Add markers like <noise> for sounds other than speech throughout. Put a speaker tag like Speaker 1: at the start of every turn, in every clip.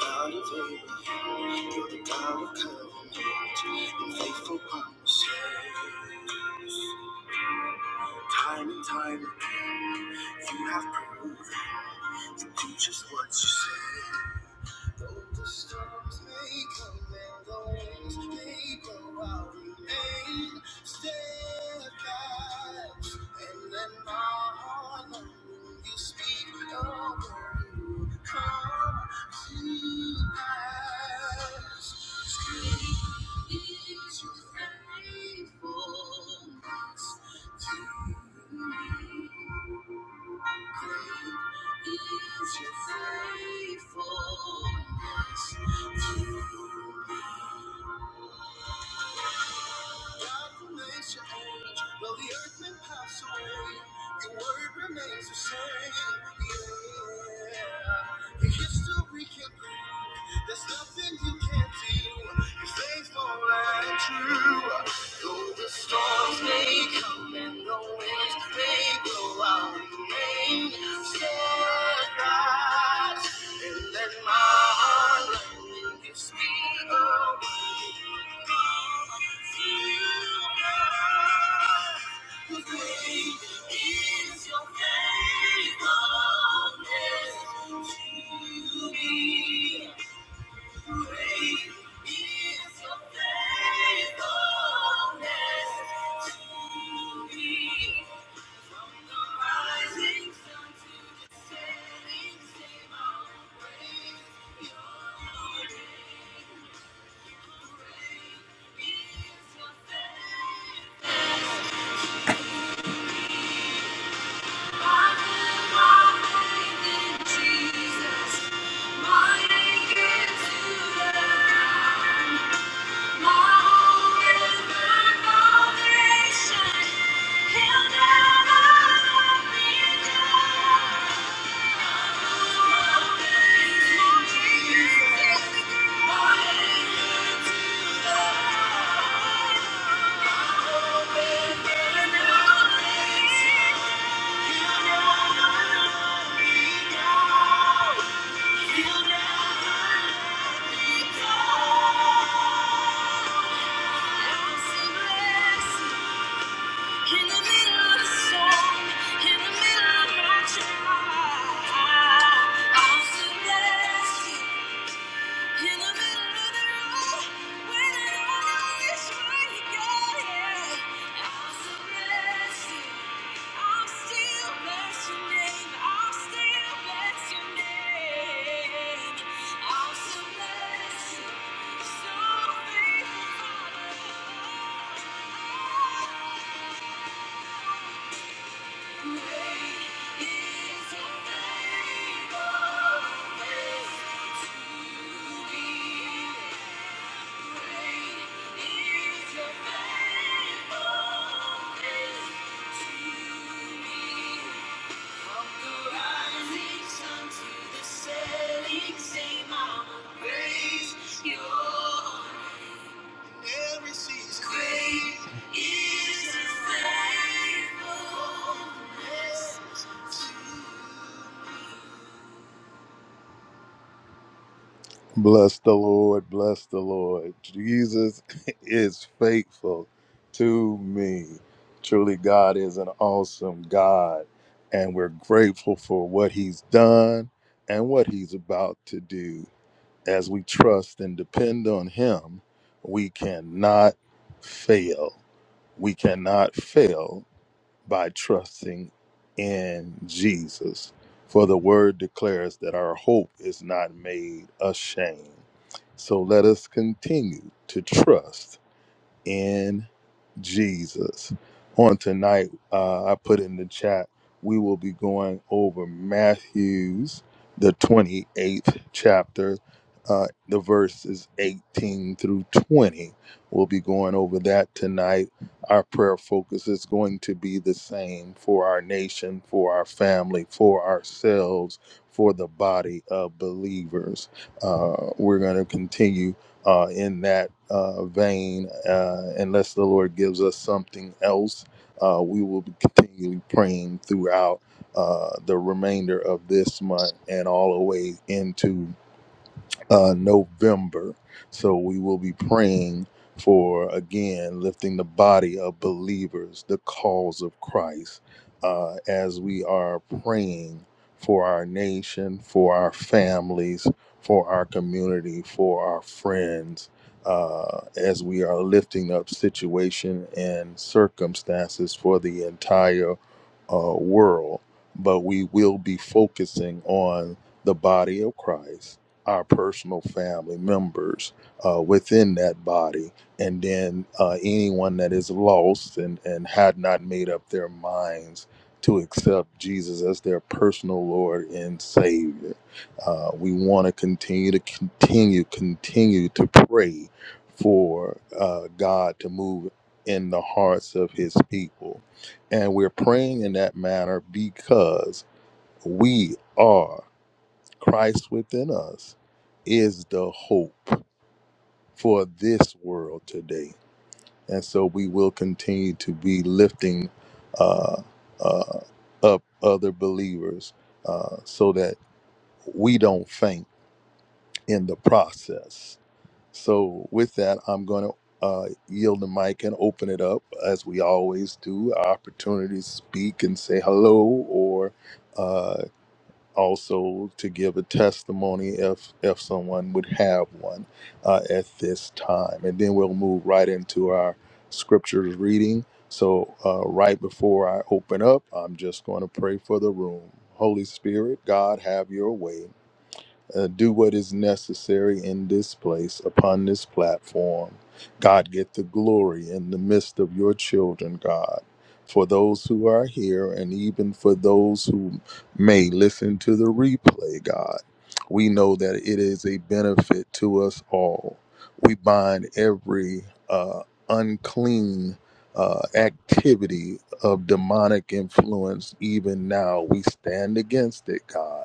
Speaker 1: Out of Abraham. Is your faithfulness to me? Great is your faithfulness to me. From the rising sun to the setting sun, I'll praise your name. Great is your faithfulness. Thank you. In the middle of the storm, in the middle of my trial, I'll still bless you. In the middle of the road, when I don't know which yeah, I'll still bless you. I'll still bless your name. I'll still bless your name. I'll still bless you. So faithful, Father. Setting, say, Mama, faithful. Bless the Lord, bless the Lord. Jesus <laughs> is faithful to me. Truly, God is an awesome God, and we're grateful for what He's done and what He's about to do. As we trust and depend on Him, we cannot fail. We cannot fail by trusting in Jesus. For the word declares that our hope is not made ashamed. So let us continue to trust in Jesus. On tonight, uh, I put in the chat, we will be going over Matthew's, the 28th chapter. Uh, the verses 18 through 20. We'll be going over that tonight. Our prayer focus is going to be the same for our nation, for our family, for ourselves, for the body of believers. Uh, we're going to continue uh, in that uh, vein. Uh, unless the Lord gives us something else, uh, we will be continually praying throughout uh, the remainder of this month and all the way into uh, November. So we will be praying for again lifting the body of believers, the cause of Christ, uh, as we are praying for our nation, for our families, for our community, for our friends. Uh, as we are lifting up situation and circumstances for the entire uh, world, but we will be focusing on the body of Christ our personal family members uh, within that body, and then uh, anyone that is lost and, and had not made up their minds to accept Jesus as their personal Lord and Savior. Uh, we want to continue to continue, continue to pray for uh, God to move in the hearts of His people. And we're praying in that manner because we are. Christ within us is the hope for this world today. And so we will continue to be lifting uh, uh, up other believers uh, so that we don't faint in the process. So, with that, I'm going to uh, yield the mic and open it up as we always do. Our opportunity to speak and say hello or. uh, also to give a testimony if if someone would have one uh, at this time and then we'll move right into our scriptures reading so uh, right before i open up i'm just going to pray for the room holy spirit god have your way uh, do what is necessary in this place, upon this platform. God, get the glory in the midst of your children, God, for those who are here and even for those who may listen to the replay, God. We know that it is a benefit to us all. We bind every uh, unclean uh, activity of demonic influence, even now. We stand against it, God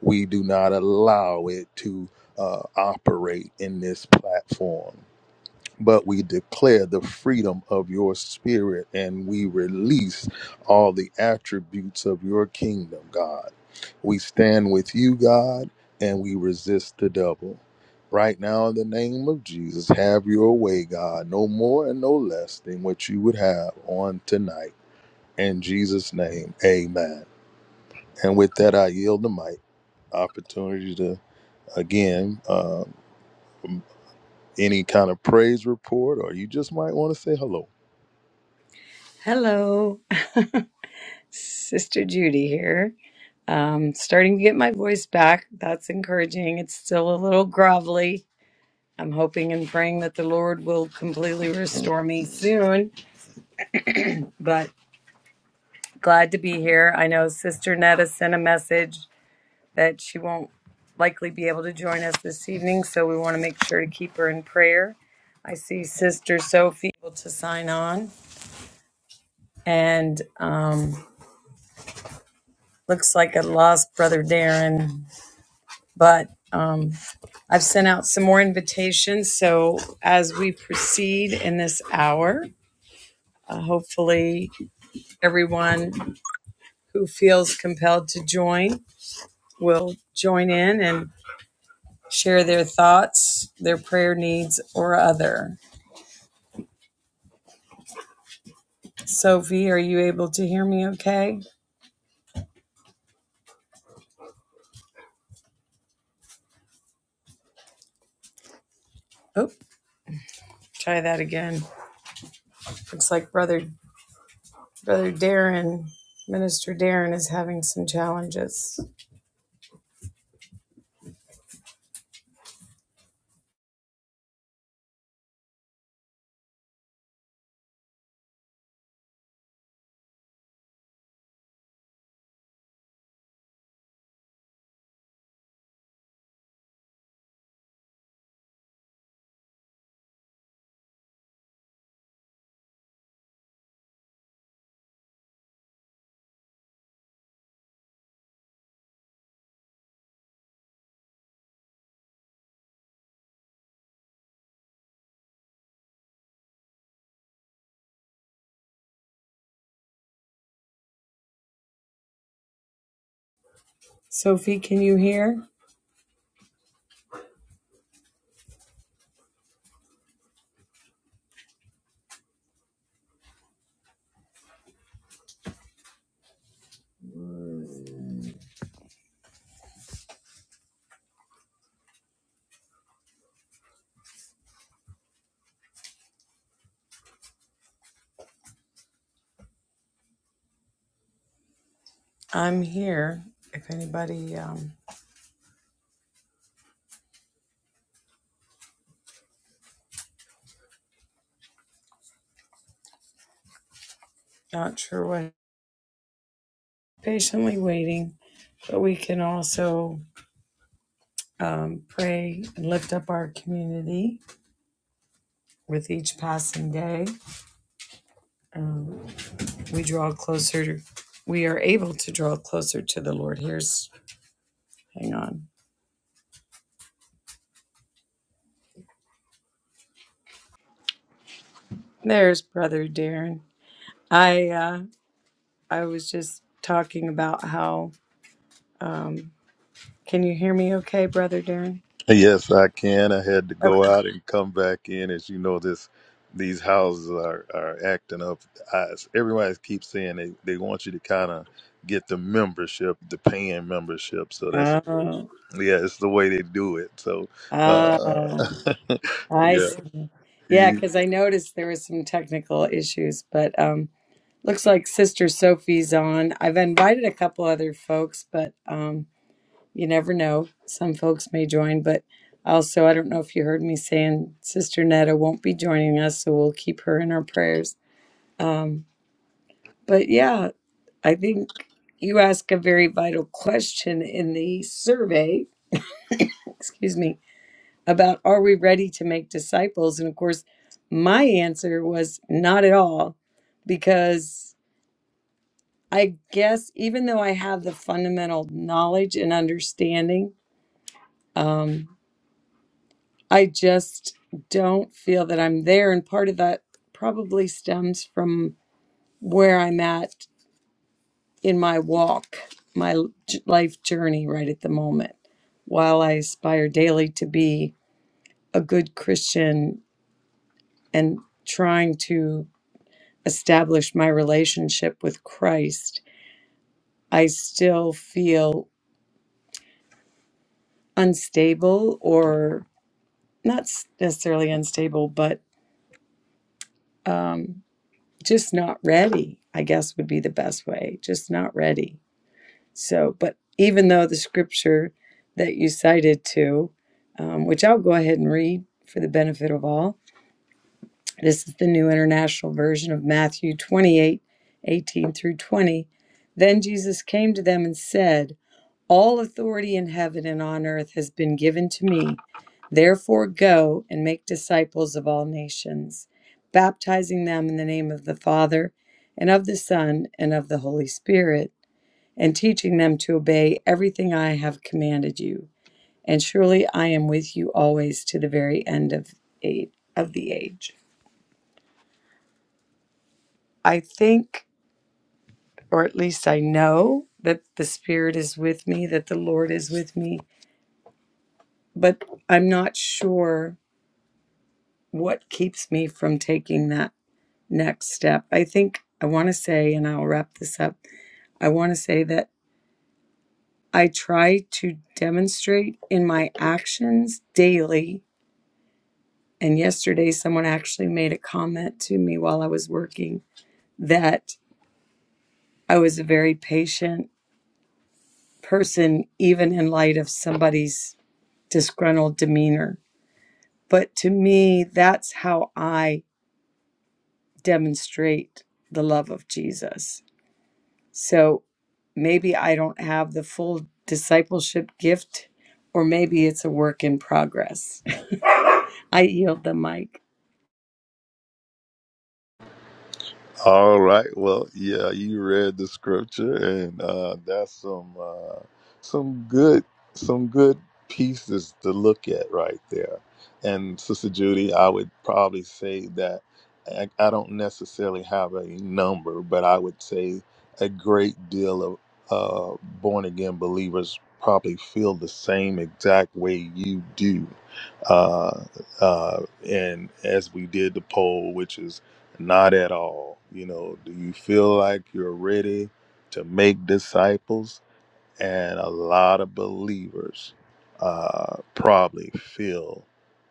Speaker 1: we do not allow it to uh, operate in this platform, but we declare the freedom of your spirit and we release all the attributes of your kingdom, God. We stand with you, God, and we resist the devil. Right now, in the name of Jesus, have your way, God, no more and no less than what you would have on tonight. In Jesus' name, amen. And with that, I yield the mic. Opportunity to. Again, uh, any kind of praise report, or you just might want to say hello.
Speaker 2: Hello, <laughs> Sister Judy here. Um, starting to get my voice back. That's encouraging. It's still a little grovelly. I'm hoping and praying that the Lord will completely restore me soon, but glad to be here. I know Sister Netta sent a message that she won't likely be able to join us this evening, so we want to make sure to keep her in prayer. I see Sister Sophie able to sign on, and um, looks like I lost Brother Darren, but. um, I've sent out some more invitations. So as we proceed in this hour, uh, hopefully everyone who feels compelled to join will join in and share their thoughts, their prayer needs, or other. Sophie, are you able to hear me okay? Oh, try that again. Looks like brother brother Darren, Minister Darren is having some challenges. Sophie, can you hear? I'm here. If anybody um, Not sure what. Patiently waiting, but we can also um, pray and lift up our community with each passing day. Um, we draw closer. To, we are able to draw closer to the Lord. Here's, hang on. There's Brother Darren. I uh, I was just talking about how. Um, can you hear me? Okay, Brother Darren.
Speaker 1: Yes, I can. I had to
Speaker 2: Okay.
Speaker 1: go out and come back in. As you know, this these houses are, are acting up. I, everybody keeps saying they, they want you to kind of get the membership, the paying membership. So that's
Speaker 2: Oh,
Speaker 1: Yeah, it's the way they do it. So, uh,
Speaker 2: ah,
Speaker 1: <laughs>
Speaker 2: I
Speaker 1: yeah,
Speaker 2: see. Yeah,
Speaker 1: you,
Speaker 2: because I noticed there was some technical issues, but um, Looks like Sister Sophie's on. I've invited a couple other folks, but um, you never know. Some folks may join, but also, I don't know if you heard me saying Sister Netta won't be joining us, so we'll keep her in our prayers. Um, but yeah, I think you ask a very vital question in the survey, excuse me, about are we ready to make disciples? And of course, my answer was not at all, because I guess even though I have the fundamental knowledge and understanding, um, I just don't feel that I'm there. And part of that probably stems from where I'm at in my walk, my l- j- life journey right at the moment. While I aspire daily to be a good Christian and trying to establish my relationship with Christ, I still feel unstable or. not s- necessarily unstable, but um, just not ready, I guess would be the best way. Just not ready. So, but even though the scripture that you cited to, um, which I'll go ahead and read for the benefit of all, this is the New International Version of Matthew 28, 18 through 20. Then Jesus came to them and said, All authority in heaven and on earth has been given to me. Therefore, go and make disciples of all nations, baptizing them in the name of the Father, and of the Son, and of the Holy Spirit, and teaching them to obey everything I have commanded you. And surely I am with you always to the very end of, a- of the age. I think, or at least I know, that the Spirit is with me, that the Lord is with me, but I'm not sure what keeps me from taking that next step. I think I want to say, and I'll wrap this up, I want to say that I try to demonstrate in my actions daily. And yesterday, someone actually made a comment to me while I was working that I was a very patient person, even in light of somebody's disgruntled demeanor. But to me, that's how I demonstrate the love of Jesus So maybe I don't have the full discipleship gift, or maybe it's a work in progress. <laughs> I yield the mic.
Speaker 1: All right. Well, yeah, you read the scripture, and uh, that's some uh, some good some good pieces to look at right there. And Sister Judy, I would probably say that I, I don't necessarily have a number, but I would say a great deal of uh, born again believers probably feel the same exact way you do, uh, uh, and as we did the poll, which is not at all. You know, do you feel like you're ready to make disciples? And a lot of believers uh, probably feel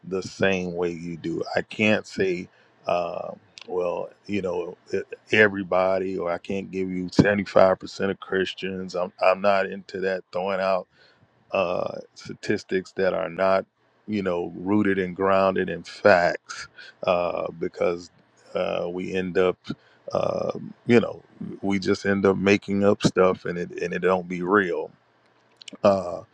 Speaker 1: the same way you do. I can't say, uh, well, you know, e- everybody, or I can't give you 75% of Christians. I'm, I'm not into that throwing out uh, statistics that are not, you know, rooted and grounded in facts, uh, because uh, we end up, uh, you know, we just end up making up stuff and it and it don't be real because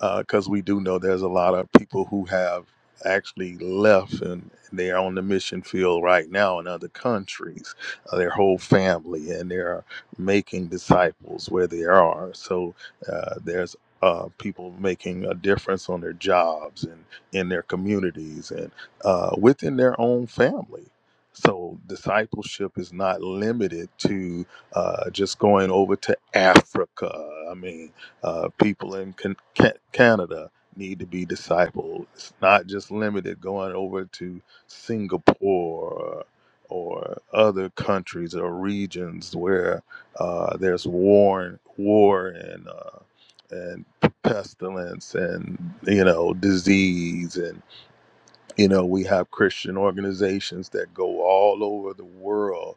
Speaker 1: uh, because we do know there's a lot of people who have actually left and they're on the mission field right now in other countries, uh, their whole family, and they're making disciples where they are. So uh, there's uh, people making a difference on their jobs and in their communities and uh, within their own family. So discipleship is not limited to uh, just going over to Africa. I mean, uh, people in can- Ca- Canada need to be discipled. It's not just limited going over to Singapore or other countries or regions where uh, there's war and war and uh, and pestilence and you know disease and you know we have Christian organizations that go all over the world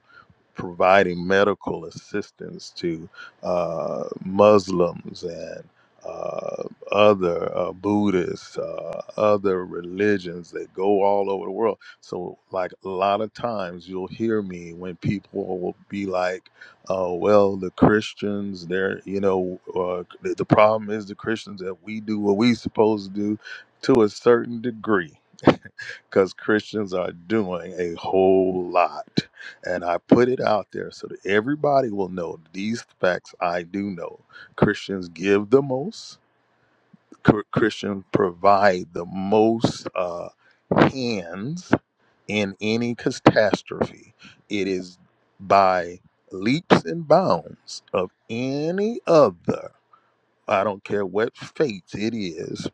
Speaker 1: providing medical assistance to uh, Muslims and uh, other uh, Buddhists, uh, other religions that go all over the world. So, like a lot of times, you'll hear me when people will be like, uh, "Well, the Christians, they're you know, uh, the the problem is the Christians that we do what we supposed to do to a certain degree." because Christians are doing a whole lot. And I put it out there so that everybody will know these facts I do know. Christians give the most, Chr- Christians provide the most uh, hands in any catastrophe. It is by leaps and bounds of any other. I don't care what faith it is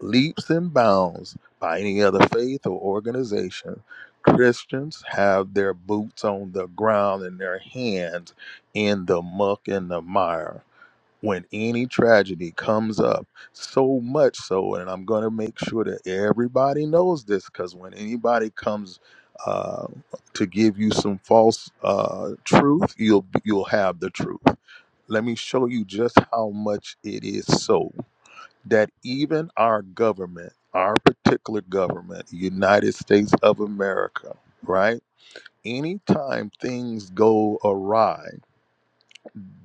Speaker 1: leaps and bounds by any other faith or organization. Christians have their boots on the ground and their hands in the muck and the mire. When any tragedy comes up, so much so, and I'm going to make sure that everybody knows this because when anybody comes uh, to give you some false uh, truth, you'll you'll have the truth. Let me show you just how much it is so that even our government, our particular government, United States of America, right? Anytime things go awry,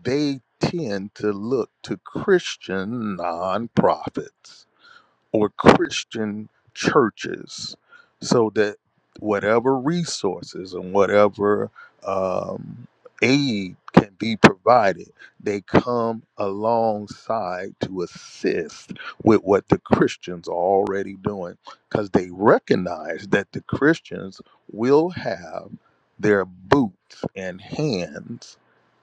Speaker 1: they tend to look to Christian nonprofits or Christian churches so that whatever resources and whatever um, aid can be provided, they come alongside to assist with what the Christians are already doing because they recognize that the Christians will have their boots and hands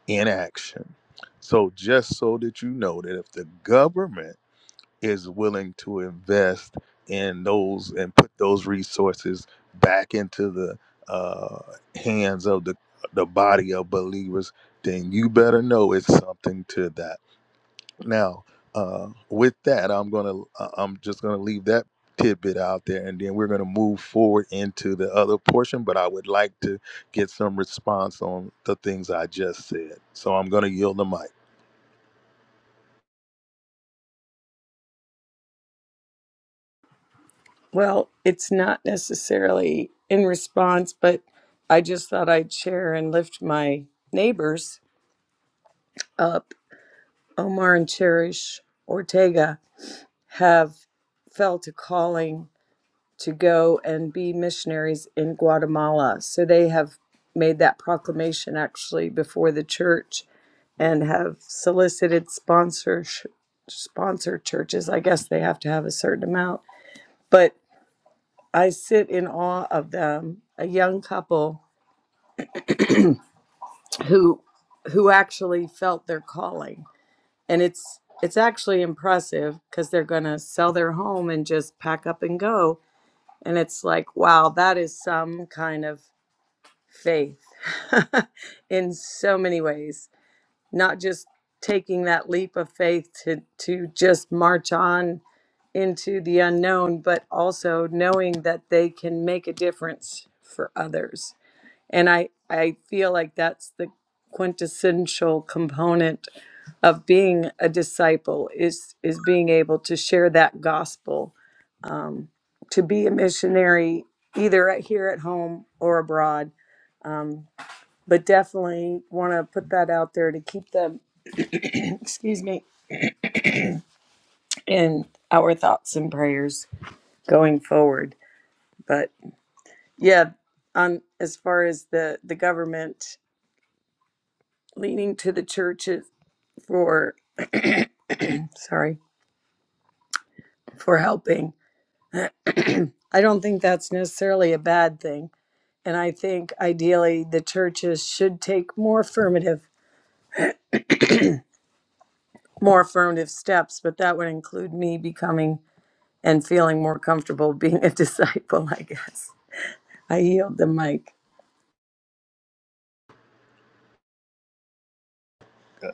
Speaker 1: in action. So, just so that you know that if the government is willing to invest in those and put those resources back into the uh, hands of the the body of believers, then you better know it's something to that. Now, uh, with that, I'm gonna uh, I'm just gonna leave that tidbit out there, and then we're gonna move forward into the other portion. But I would like to get some response on the things I just said, so I'm gonna yield the mic.
Speaker 2: Well, it's not necessarily in response, but I just thought I'd share and lift my neighbors up. Omar and Cherish Ortega have felt a calling to go and be missionaries in Guatemala. So they have made that proclamation actually before the church and have solicited sponsor sh- sponsor churches. I guess they have to have a certain amount, but I sit in awe of them. A young couple who who actually felt their calling, and it's it's actually impressive because they're going to sell their home and just pack up and go. And it's like, wow, that is some kind of faith <laughs> in so many ways not just taking that leap of faith to to just march on into the unknown but also knowing that they can make a difference for others and i i feel like that's the quintessential component of being a disciple is is being able to share that gospel um, to be a missionary either at, here at home or abroad um, but definitely want to put that out there to keep them excuse me, in our thoughts and prayers going forward. But yeah, on as far as the the government leaning to the churches for sorry for helping, I don't think that's necessarily a bad thing. And I think ideally the churches should take more affirmative more affirmative steps, but that would include me becoming and feeling more comfortable <laughs> being a disciple, I guess. I yield the mic.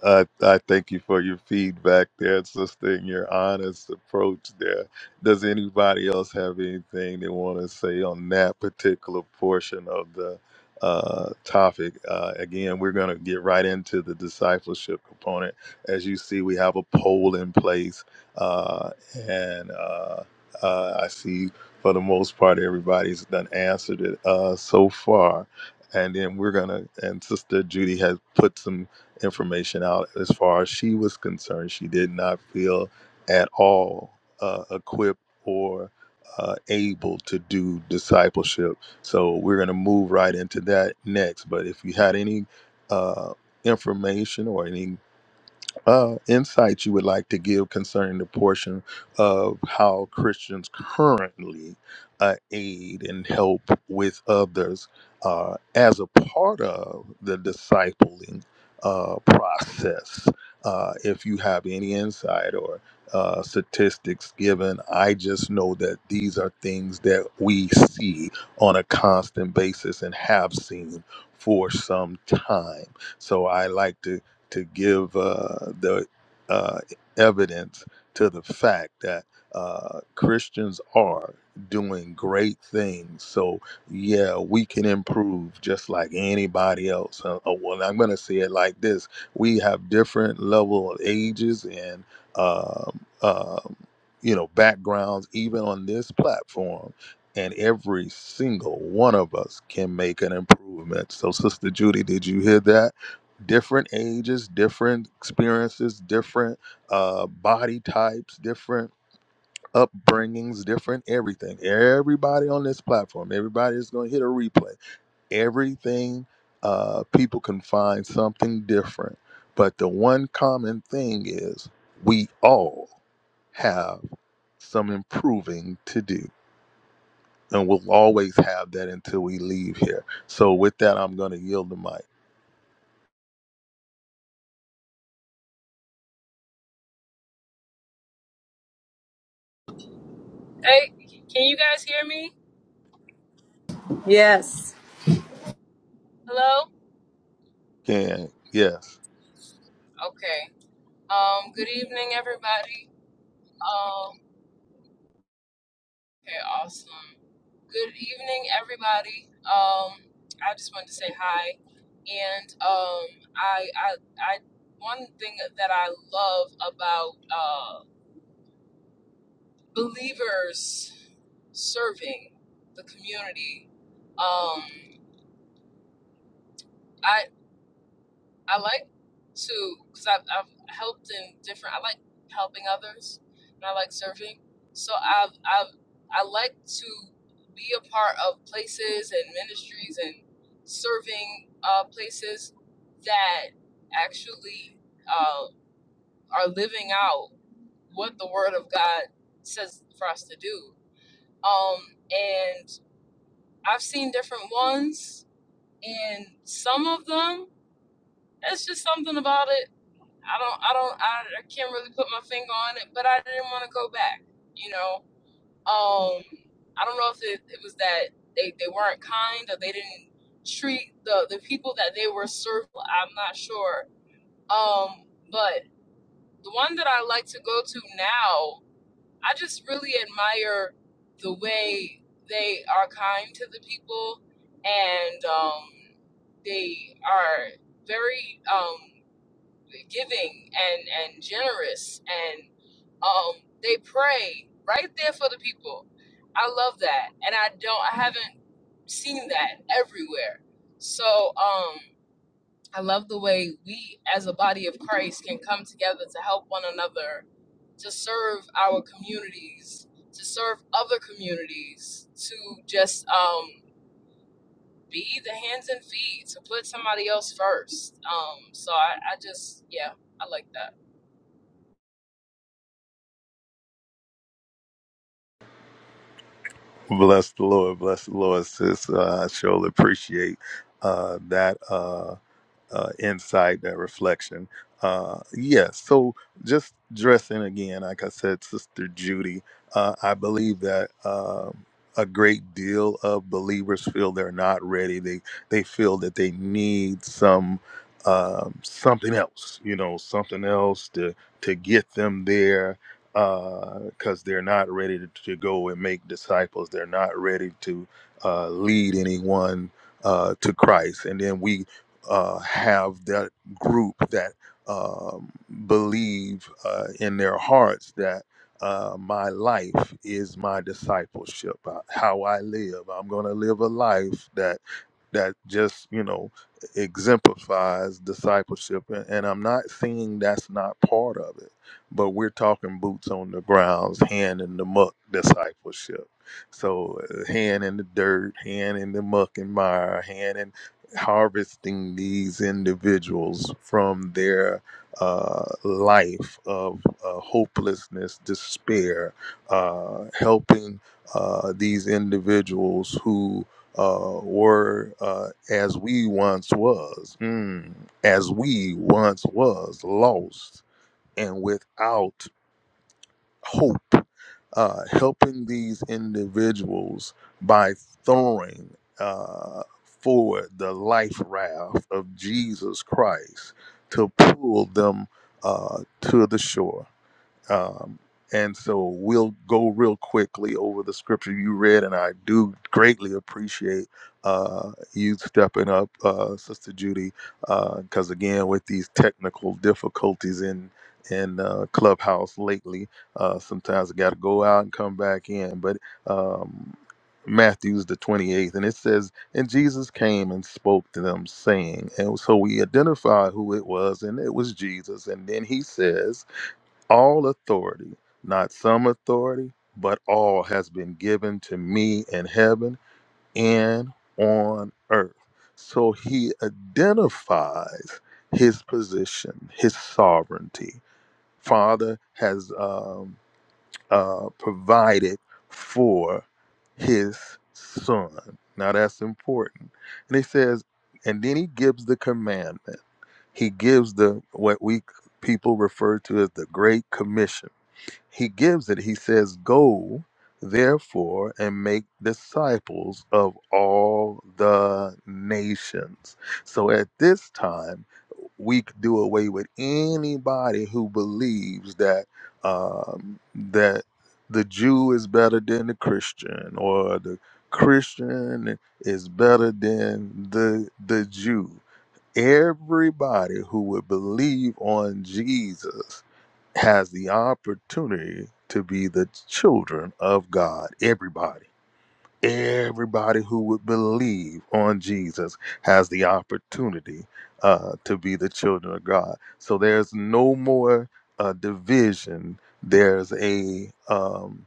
Speaker 1: I, I thank you for your feedback there, sister, and your honest approach there. Does anybody else have anything they want to say on that particular portion of the uh, topic? Uh, again, we're going to get right into the discipleship component. As you see, we have a poll in place, uh, and uh, uh, I see for the most part everybody's done answered it uh, so far. And then we're gonna, and Sister Judy has put some information out as far as she was concerned. She did not feel at all uh, equipped or uh, able to do discipleship. So we're going to move right into that next. But if you had any uh, information or any uh, insight you would like to give concerning the portion of how Christians currently uh, aid and help with others uh, as a part of the discipling uh, process. Uh, if you have any insight or uh, statistics given, I just know that these are things that we see on a constant basis and have seen for some time. So I like to to give uh, the uh, evidence to the fact that uh, Christians are doing great things. So, yeah, we can improve just like anybody else. Uh, uh, well, I'm going to say it like this we have different level of ages and um, um, you know backgrounds even on this platform and every single one of us can make an improvement so sister judy did you hear that different ages, different experiences, different uh, body types, different upbringings, different everything. Everybody on this platform, everybody is going to hit a replay. Everything, uh, people can find something different. But the one common thing is we all have some improving to do. And we'll always have that until we leave here. So with that, I'm going to yield the mic.
Speaker 3: Hey, can you guys hear me?
Speaker 2: Yes.
Speaker 3: Hello?
Speaker 1: Can yes.
Speaker 3: Okay. Um, good evening, everybody. Um, okay, awesome. Good evening, everybody. Um, I just wanted to say hi. And um, I, I, I, one thing that I love about uh, believers serving the community, um, I, I like to, because I've, I've helped in different, I like helping others and I like serving. So I've, I've, I like to be a part of places and ministries and serving uh, places that actually uh, are living out what the Word of God says for us to do. Um, and I've seen different ones, and some of them, it's just something about it I don't, I don't, I, I can't really put my finger on it, but I didn't want to go back. You know, um, I don't know if it, it was that they, they weren't kind or they didn't treat the, the people that they were serving. I'm not sure. Um, but the one that I like to go to now, I just really admire the way they are kind to the people and um, they are very. Um, giving and and generous and um they pray right there for the people i love that and i don't i haven't seen that everywhere so um i love the way we as a body of christ can come together to help one another to serve our communities to serve other communities to just um be the hands and feet to put somebody else first um so i, I just yeah i like that
Speaker 1: Bless the Lord, bless the Lord, sis. Uh, I surely appreciate uh, that. Uh, uh, insight, that reflection. Uh, yeah, so just dressing again, like I said, Sister Judy, uh, I believe that um a great deal of believers feel they're not ready. They they feel that they need some um, something else, you know, something else to to get them there because they're not ready to, to go and make disciples. They're not ready to uh, lead anyone uh, to Christ. And then we uh, have that group that um, believe uh, in their hearts that uh, my life is my discipleship, uh, how I live. I'm going to live a life that that just you know exemplifies discipleship, and, and I'm not saying that's not part of it, but we're talking boots on the grounds, hand in the muck discipleship. So uh, hand in the dirt, hand in the muck and mire, hand in harvesting these individuals from their uh, life of uh, hopelessness, despair, uh, helping uh, these individuals who uh, were uh, as we once was, mm, as we once was, lost and without hope uh, helping these individuals by throwing uh, forward the life raft of Jesus Christ to pull them uh, to the shore. Um, and so we'll go real quickly over the scripture you read, and I do greatly appreciate uh, you stepping up, uh, Sister Judy, because again, with these technical difficulties in in uh, Clubhouse lately, uh, sometimes I got to go out and come back in. But um, Matthew's the twenty eighth, and it says, "And Jesus came and spoke to them, saying," and so we identify who it was, and it was Jesus. And then he says. All authority, not some authority, but all has been given to me in heaven and on earth. So he identifies his position, his sovereignty. Father has um, uh, provided for his son. Now that's important. And he says, and then he gives the commandment. He gives the what we people refer to as the Great Commission he gives it. He says, Go, therefore, and make disciples of all the nations. So at this time, we could do away with anybody who believes that um, that the Jew is better than the Christian or the Christian is better than the the Jew. Everybody who would believe on Jesus has the opportunity to be the children of God. Everybody. Everybody who would believe on Jesus has the opportunity uh, to be the children of God. So there's no more uh, division. There's a um,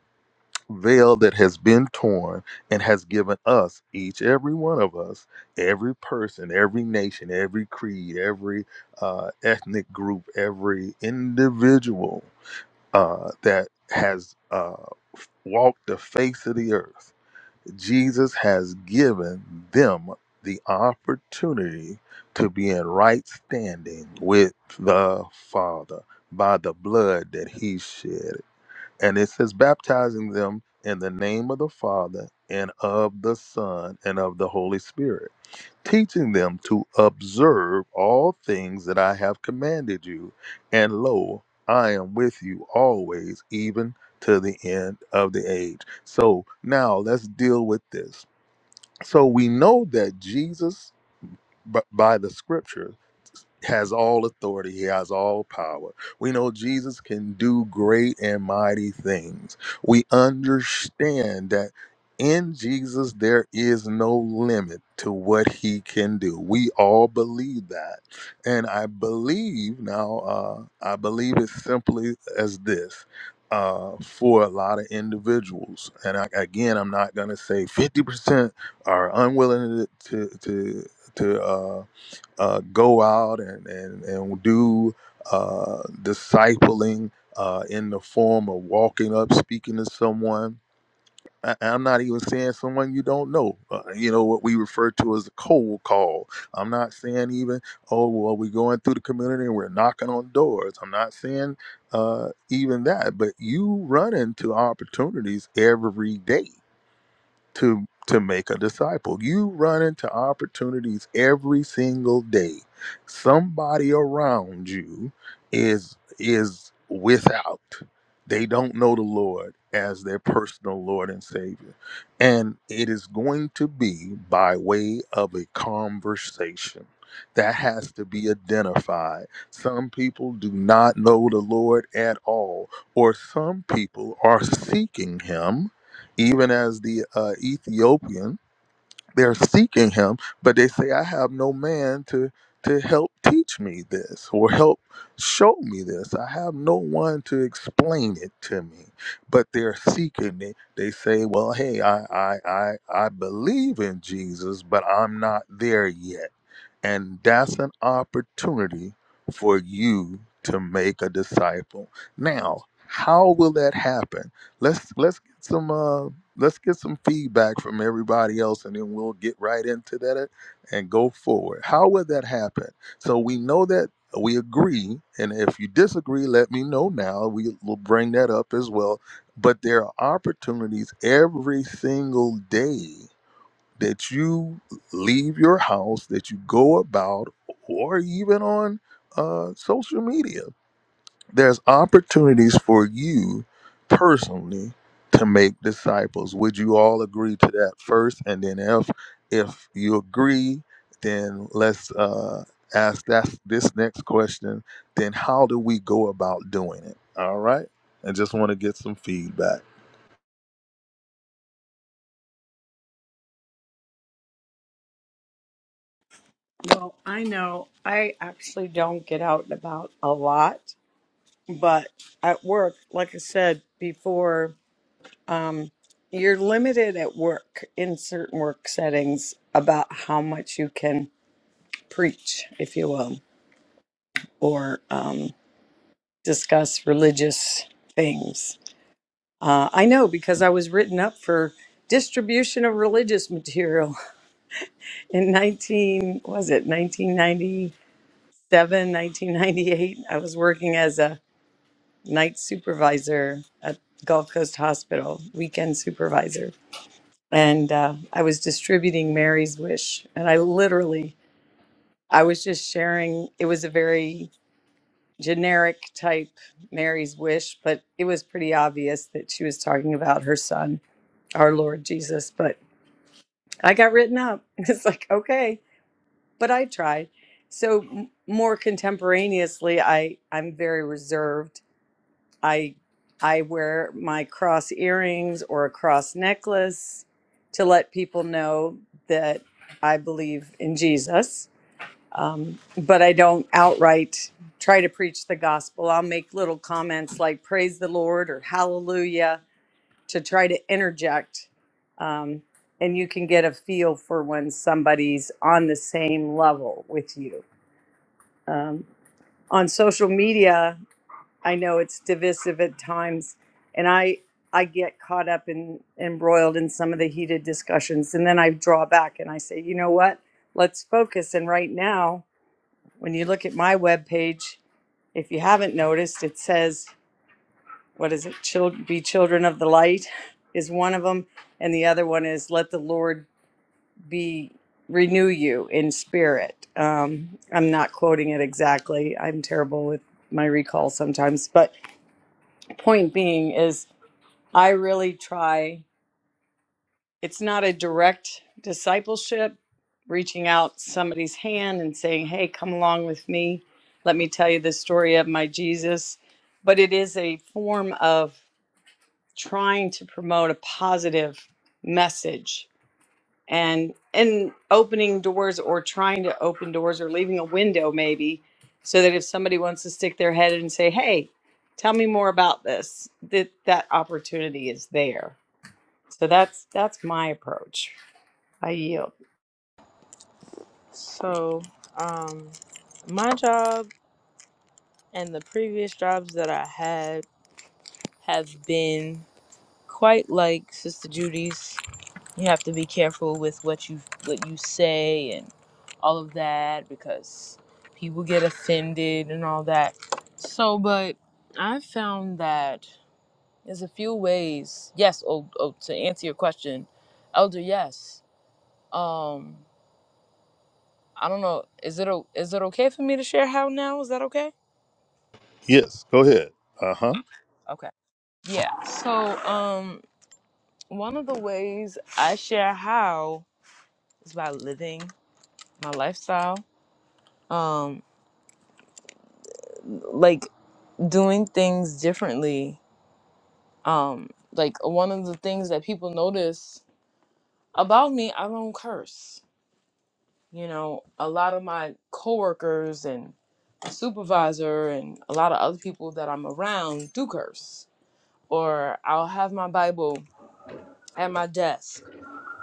Speaker 1: veil that has been torn and has given us, each, every one of us, every person, every nation, every creed, every uh, ethnic group, every individual uh, that has uh, walked the face of the earth. Jesus has given them the opportunity to be in right standing with the Father by the blood that he shed. And it says, baptizing them in the name of the Father and of the Son and of the Holy Spirit, teaching them to observe all things that I have commanded you. And lo, I am with you always, even to the end of the age. So now let's deal with this. So we know that Jesus, b- by the scriptures, has all authority. He has all power. We know Jesus can do great and mighty things. We understand that in Jesus there is no limit to what he can do. We all believe that. And I believe now, uh, I believe it simply as this. Uh, for a lot of individuals, and I, again, I'm not going to say 50% are unwilling to to to, to, uh, uh, go out and, and, and do uh, discipling uh, in the form of walking up, speaking to someone. I, I'm not even saying someone you don't know, uh, you know, what we refer to as a cold call. I'm not saying even, oh, well, we're going through the community and we're knocking on doors. I'm not saying uh, even that, but you run into opportunities every day to to make a disciple. You run into opportunities every single day. Somebody around you is is without. They don't know the Lord as their personal Lord and Savior. And it is going to be by way of a conversation. That has to be identified. Some people do not know the Lord at all, or some people are seeking Him even as the uh, Ethiopian. They're seeking him, but they say, "I have no man to to help teach me this or help show me this. I have no one to explain it to me." But they're seeking it. They say, "Well, hey, I I I, I believe in Jesus, but I'm not there yet." And that's an opportunity for you to make a disciple. Now, how will that happen? Let's let's get some uh let's get some feedback from everybody else and then we'll get right into that and go forward. How would that happen? So we know that we agree and if you disagree let me know now we will bring that up as well but there are opportunities every single day that you leave your house, that you go about, or even on uh, social media. There's opportunities for you personally to make disciples. Would you all agree to that first? And then if if you agree, then let's uh, ask that this next question. Then how do we go about doing it? All right. I just want to get some feedback.
Speaker 2: Well, I know I actually don't get out and about a lot, but at work, like I said before, um, you're limited at work in certain work settings about how much you can preach, if you will, or um, discuss religious things. Uh, I know because I was written up for distribution of religious material <laughs> in 19, was it nineteen ninety seven, nineteen ninety eight. I was working as a night supervisor at Gulf Coast Hospital, weekend supervisor. And uh, I was distributing Mary's Wish. And I literally, I was just sharing, it was a very generic type Mary's Wish, but it was pretty obvious that she was talking about her son, our Lord Jesus. But I got written up. <laughs> It's like, okay, but I tried. So m- more contemporaneously, I, I'm very reserved I I wear my cross earrings or a cross necklace to let people know that I believe in Jesus. Um, but I don't outright try to preach the gospel. I'll make little comments like "Praise the Lord" or "Hallelujah" to try to interject, um, and you can get a feel for when somebody's on the same level with you. Um, on social media, I know it's divisive at times, and I I get caught up and embroiled in some of the heated discussions, and then I draw back and I say, you know what? Let's focus. And right now, when you look at my webpage, if you haven't noticed, it says, what is it? Child, be children of the light is one of them. And the other one is let the Lord be, renew you in spirit. Um, I'm not quoting it exactly. I'm terrible with my recall sometimes, but point being is I really try. It's not a direct discipleship, reaching out somebody's hand and saying, "Hey, come along with me. Let me tell you the story of my Jesus." But it is a form of trying to promote a positive message and and opening doors or trying to open doors or leaving a window maybe so that if somebody wants to stick their head in and say hey tell me more about this that that opportunity is there so that's that's my approach i yield
Speaker 3: So, um, my job and the previous jobs that I had have been quite like Sister Judy's. You have to be careful with what you what you say and all of that because people get offended and all that. So, but I found that there's a few ways. Yes, oh, oh to answer your question, Elder, yes. Um, I don't know. Is it o- is it okay for me to share how now? Is that okay?
Speaker 1: Yes, go ahead. Uh huh.
Speaker 3: Okay. Yeah. So, um, one of the ways I share how is by living my lifestyle. Um, like doing things differently. Um, like one of the things that people notice about me, I don't curse. You know, a lot of my coworkers and my supervisor and a lot of other people that I'm around do curse. Or I'll have my Bible at my desk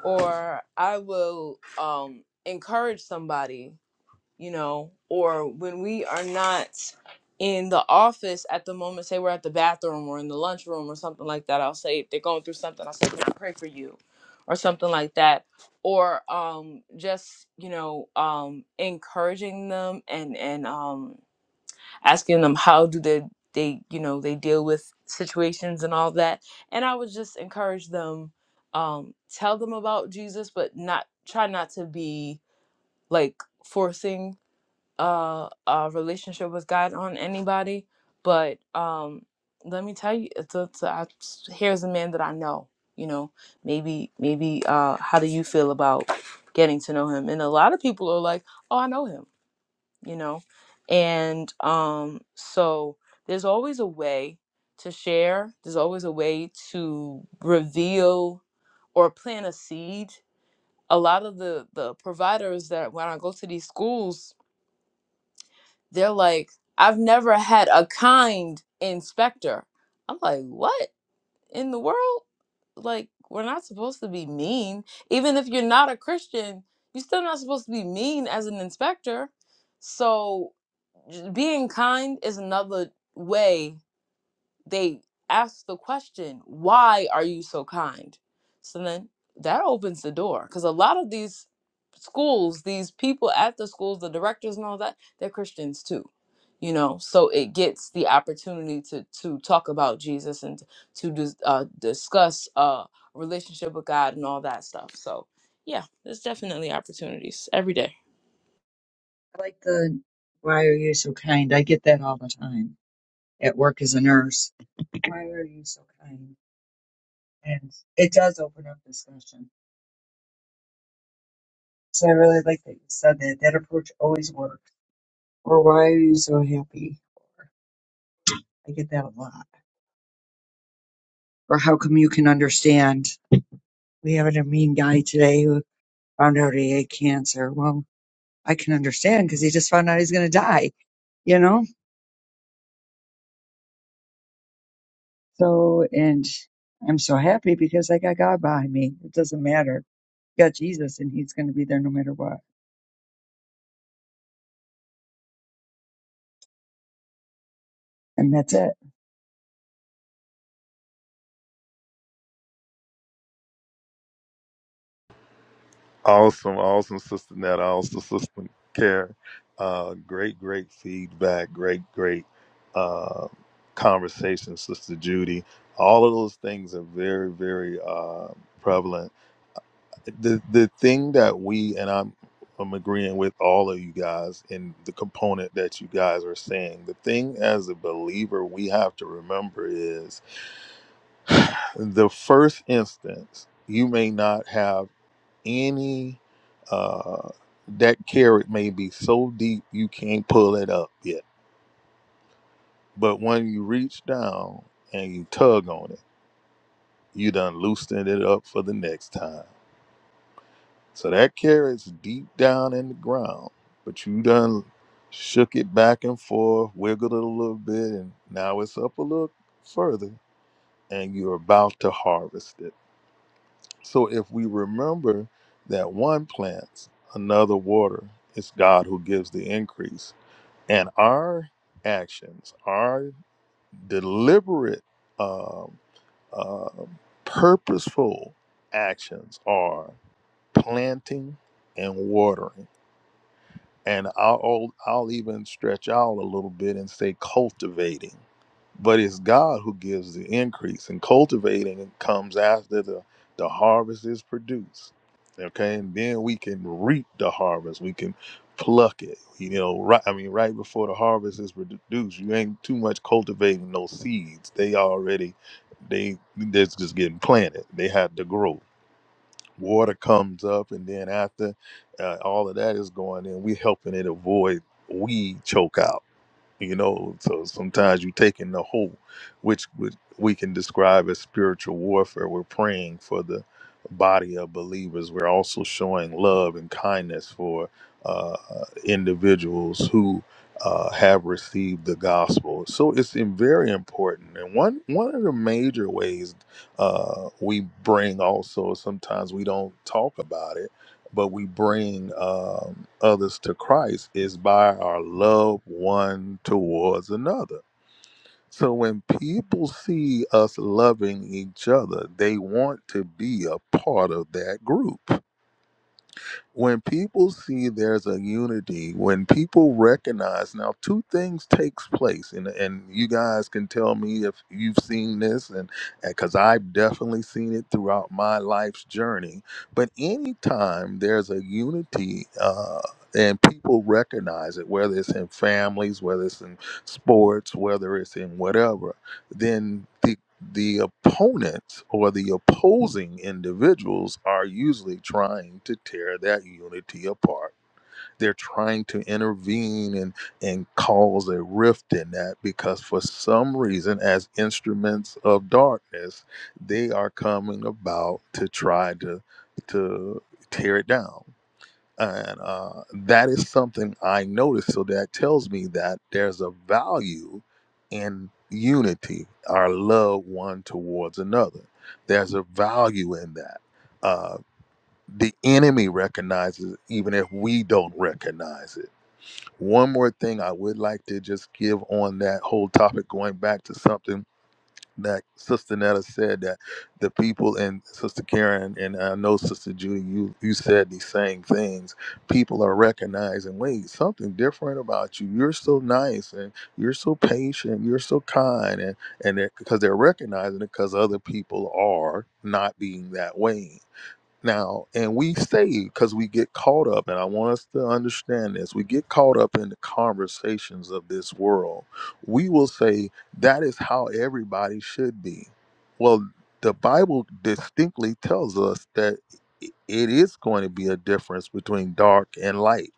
Speaker 3: or I will um, encourage somebody, you know, or when we are not in the office at the moment, say we're at the bathroom or in the lunchroom or something like that, I'll say, if they're going through something, I'll say, can I pray for you? Or something like that. Or um, just, you know, um, encouraging them and, and, um, asking them how do they they you know they deal with situations and all that and i would just encourage them um tell them about jesus but not try not to be like forcing uh, a relationship with god on anybody but um let me tell you it's, it's, I, here's a man that i know you know maybe maybe uh how do you feel about getting to know him and a lot of people are like oh i know him you know and um so there's always a way to share there's always a way to reveal or plant a seed a lot of the the providers that when i go to these schools they're like i've never had a kind inspector i'm like what in the world like we're not supposed to be mean even if you're not a christian you're still not supposed to be mean as an inspector so being kind is another way they ask the question, why are you so kind? So then that opens the door because a lot of these schools, these people at the schools, the directors and all that, they're Christians too. You know, so it gets the opportunity to to talk about Jesus and to dis, uh, discuss uh, relationship with God and all that stuff. So, yeah, there's definitely opportunities every day.
Speaker 4: I like the why are you so kind? I get that all the time at work as a nurse. Why are you so kind? And it does open up discussion. So I really like that you said that. That approach always works. Or why are you so happy? Or I get that a lot. Or how come you can understand? We have a mean guy today who found out he had cancer. Well, I can understand because he just found out he's going to die, you know? So, and I'm so happy because I got God behind me. It doesn't matter got Jesus and he's going to be there no matter what. And that's it.
Speaker 1: Awesome, awesome, Sister Netta, awesome, Sister Care. Uh, great, great feedback, great, great uh, conversation, Sister Judy. All of those things are very, very uh, prevalent. The the thing that we and I'm I'm agreeing with all of you guys in the component that you guys are saying. The thing as a believer we have to remember is <sighs> the first instance you may not have any uh that carrot may be so deep you can't pull it up yet. But when you reach down and you tug on it, you done loosened it up for the next time. So that carrot's deep down in the ground, but you done shook it back and forth, wiggled it a little bit, and now it's up a little further, and you're about to harvest it. So if we remember that one plants, another water, it's God who gives the increase. And our actions, our deliberate, um, uh, purposeful actions are planting and watering and I'll I'll even stretch out a little bit and say cultivating, but it's God who gives the increase, and cultivating comes after the the harvest is produced. Okay, and then we can reap the harvest. We can pluck it. You know, right? I mean, right before the harvest is produced, you ain't too much cultivating no seeds. They already they they're just getting planted. They had to grow water comes up and then after uh, all of that is going in we helping it avoid weed choke out you know so sometimes you take in the whole which would, we can describe as spiritual warfare we're praying for the body of believers we're also showing love and kindness for uh, individuals who uh, have received the gospel so it's in- very important and one one of the major ways uh, we bring also sometimes we don't talk about it but we bring um, others to Christ is by our love one towards another. So when people see us loving each other, they want to be a part of that group when people see there's a unity when people recognize now two things takes place and and you guys can tell me if you've seen this and because i've definitely seen it throughout my life's journey but anytime there's a unity uh and people recognize it, whether it's in families, whether it's in sports, whether it's in whatever, then the the opponents or the opposing individuals are usually trying to tear that unity apart. They're trying to intervene and, and cause a rift in that because, for some reason, as instruments of darkness, they are coming about to try to, to tear it down and uh, that is something I noticed. So that tells me that there's a value in unity, our love one towards another. There's a value in that. Uh, the enemy recognizes, even if we don't recognize it. One more thing I would like to just give on that whole topic, going back to something that Sister Netta said that the people and Sister Karen and I know Sister Judy, you you said these same things. People are recognizing, wait, something different about you. You're so nice and you're so patient. You're so kind, and and they're, because they're recognizing it because other people are not being that way. Now, and we stay because we get caught up, and I want us to understand this. We get caught up in the conversations of this world. We will say that is how everybody should be. Well, the Bible distinctly tells us that i- it is going to be a difference between dark and light.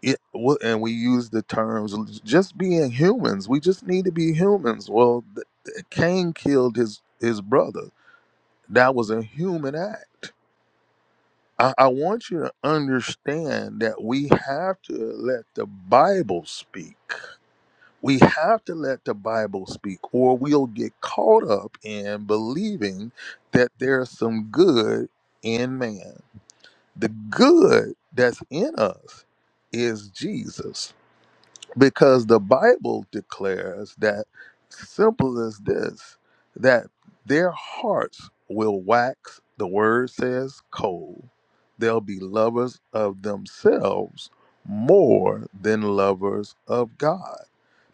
Speaker 1: It wa- and we use the terms l- just being humans. We just need to be humans. Well, th- th- Cain killed his his brother. That was a human act I, I want you to understand that we have to let the Bible speak. We have to let the Bible speak, or we'll get caught up in believing that there's some good in man. The good that's in us is Jesus because the Bible declares that simple as this that their hearts will wax, the word says, cold. They'll be lovers of themselves more than lovers of God.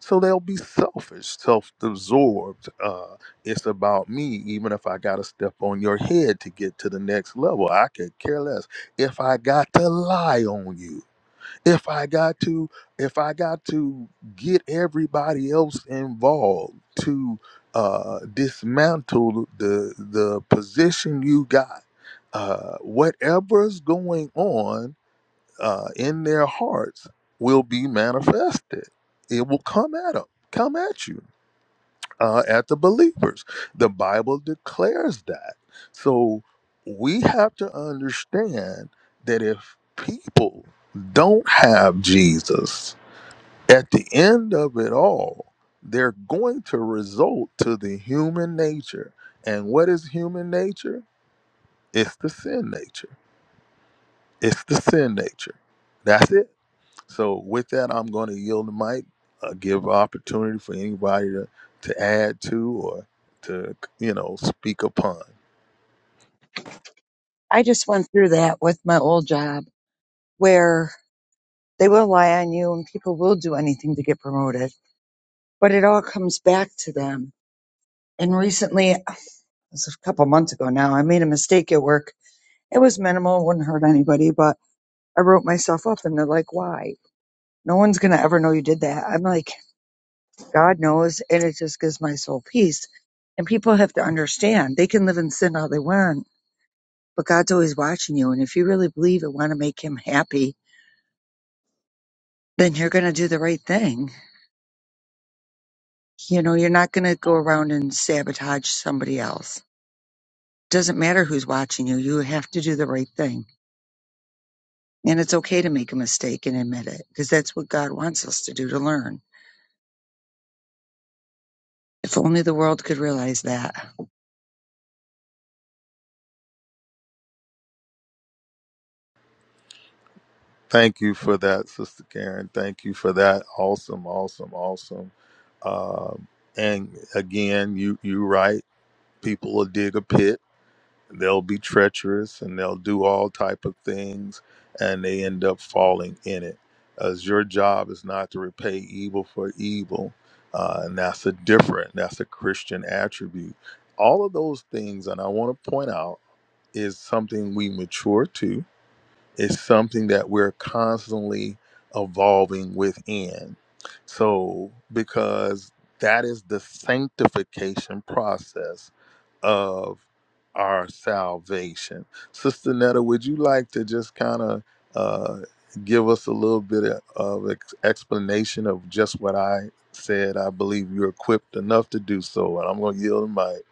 Speaker 1: So they'll be selfish, self absorbed. Uh, it's about me, even if I got to step on your head to get to the next level. I could care less. If I got to lie on you, if I got to if I got to get everybody else involved to uh, dismantle the the position you got, uh, whatever's going on uh, in their hearts will be manifested. It will come at them, come at you uh, at the believers. The Bible declares that. So we have to understand that if people don't have Jesus, at the end of it all, they're going to result to the human nature. And what is human nature? It's the sin nature. It's the sin nature. That's it so with that, I'm going to yield the mic, uh, give opportunity for anybody to, to add to or to you know speak upon.
Speaker 4: I just went through that with my old job where they will lie on you and people will do anything to get promoted, but it all comes back to them. And recently, it was a couple months ago now, I made a mistake at work. It was minimal, wouldn't hurt anybody, but I wrote myself up and they're like, why? No one's going to ever know you did that. I'm like, God knows. And it just gives my soul peace. And people have to understand they can live in sin all they want But God's always watching you. And if you really believe and want to make him happy, then you're going to do the right thing. You know, you're not going to go around and sabotage somebody else. Doesn't matter who's watching you. You have to do the right thing. And it's okay to make a mistake and admit it because that's what God wants us to do to learn. If only the world could realize that.
Speaker 1: Thank you for that, Sister Karen. Thank you for that. Awesome, awesome, awesome. Um, and again, you you right. People will dig a pit. they'll be treacherous and they'll do all type of things and they end up falling in it as your job is not to repay evil for evil uh, and that's a different that's a christian attribute all of those things and i want to point out is something we mature to it's something that we're constantly evolving within. So, because that is the sanctification process of our salvation. Sister Netta, would you like to just kind of uh, give us a little bit of, of ex- explanation of just what I said? I believe you're equipped enough to do so, and I'm going to yield the mic.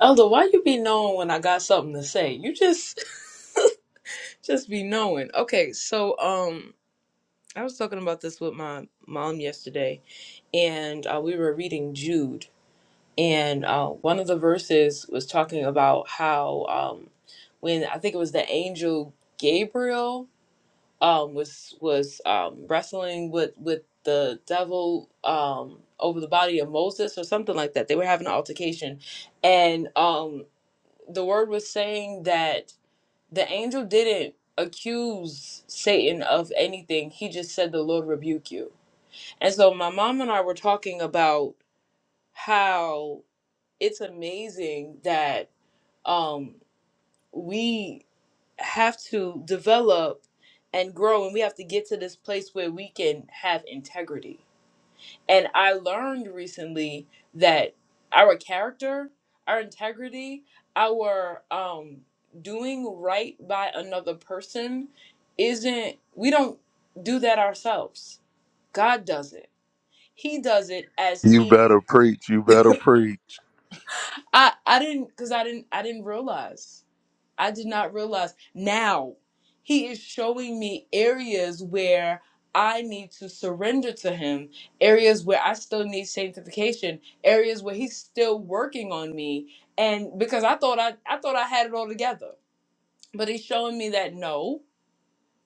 Speaker 3: Elder, why you be knowing when I got something to say? You just <laughs> just be knowing. Okay, so um I was talking about this with my mom yesterday and uh, we were reading Jude and uh, one of the verses was talking about how um when I think it was the angel Gabriel um was was um wrestling with with the devil um over the body of Moses or something like that. They were having an altercation and um the word was saying that the angel didn't accuse Satan of anything. He just said the Lord rebuke you. And so my mom and I were talking about how it's amazing that um we have to develop and grow and we have to get to this place where we can have integrity. And I learned recently that our character, our integrity, our um, doing right by another person isn't, we don't do that ourselves. God does it. He does it as
Speaker 1: You
Speaker 3: he
Speaker 1: better preach. You better preach.
Speaker 3: I I didn't cuz I didn't I didn't realize. I did not realize. Now, He is showing me areas where I need to surrender to Him, areas where I still need sanctification, areas where He's still working on me. And because I thought I, I thought I had it all together, but He's showing me that no,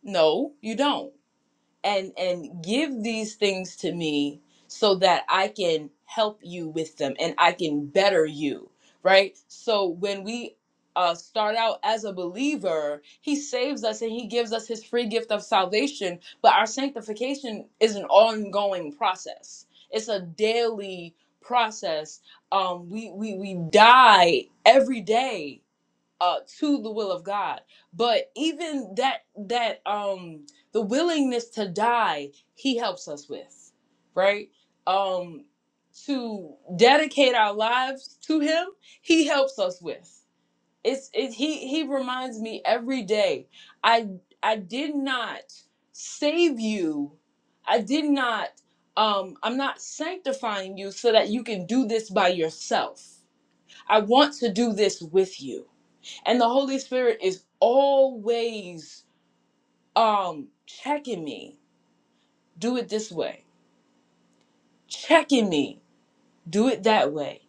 Speaker 3: no, you don't and and give these things to me so that I can help you with them and I can better you, right? So when we uh, start out as a believer, he saves us and he gives us his free gift of salvation. But our sanctification is an ongoing process. It's a daily process. Um, we we we die every day uh to the will of God. But even that that um the willingness to die, he helps us with, right? Um to dedicate our lives to him, he helps us with. It's it, he he reminds me every day. I I did not save you. I did not um I'm not sanctifying you so that you can do this by yourself. I want to do this with you and the holy spirit is always um checking me do it this way checking me do it that way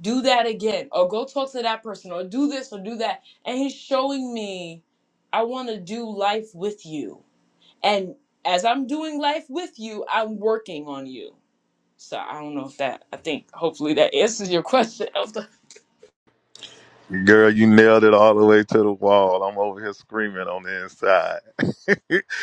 Speaker 3: do that again or go talk to that person or do this or do that and he's showing me i want to do life with you and as i'm doing life with you i'm working on you so i don't know if that i think hopefully that answers your <laughs> question Elsa.
Speaker 1: Girl, you nailed it all the way to the wall. I'm over here screaming on the inside.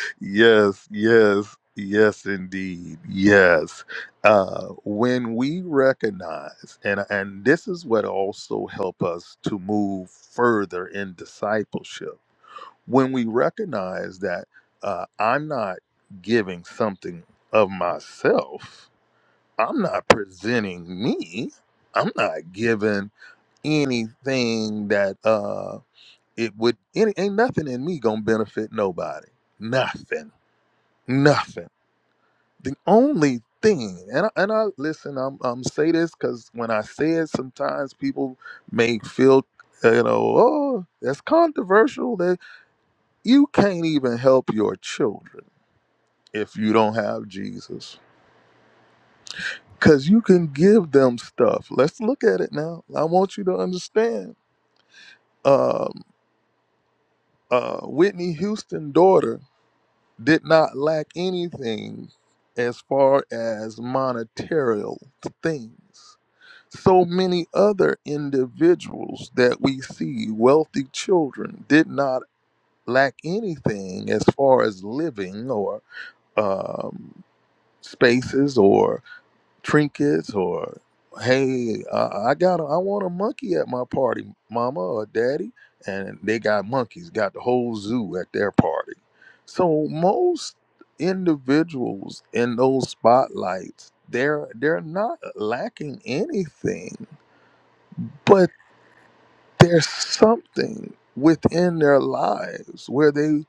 Speaker 1: <laughs> yes, yes, yes, indeed. Yes. Uh, when we recognize, and, and this is what also help us to move further in discipleship, when we recognize that uh, I'm not giving something of myself, I'm not presenting me, I'm not giving anything that uh it would any ain't nothing in me gonna benefit nobody nothing nothing the only thing and I, and I listen i'm i'm say this because when i say it sometimes people may feel uh, you know oh that's controversial that you can't even help your children if you don't have jesus because you can give them stuff let's look at it now i want you to understand um uh whitney houston daughter did not lack anything as far as monetarial things. So many other individuals that we see, wealthy children, did not lack anything as far as living or um, spaces or trinkets or hey uh, i got a, i want a monkey at my party mama or daddy and they got monkeys got the whole zoo at their party so most individuals in those spotlights they're they're not lacking anything but there's something within their lives where they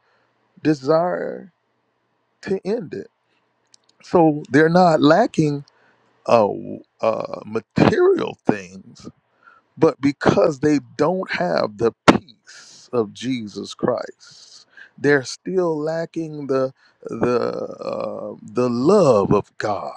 Speaker 1: desire to end it so they're not lacking uh, uh material things but because they don't have the peace of Jesus Christ, they're still lacking the the uh, the love of God.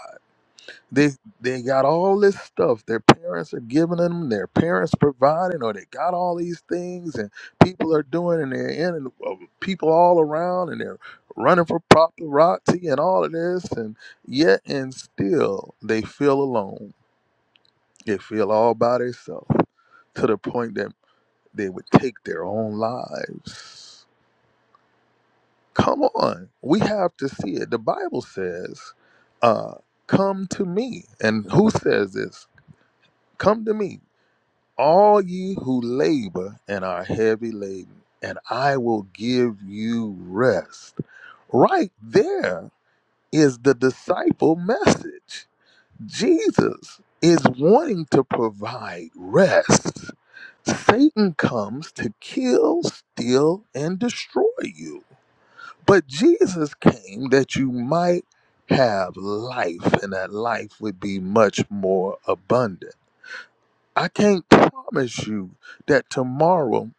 Speaker 1: They they got all this stuff. Their parents are giving them. Their parents providing, or they got all these things, and people are doing, and they're in, and uh, people all around, and they're running for property and all of this, and yet and still they feel alone. They feel all by themselves to the point that they would take their own lives. Come on. We have to see it. The Bible says, uh, Come to me. And who says this? Come to me, all ye who labor and are heavy laden, and I will give you rest. Right there is the disciple message Jesus is wanting to provide rest. Satan comes to kill, steal, and destroy you. But Jesus came that you might have life, and that life would be much more abundant. I can't promise you that tomorrow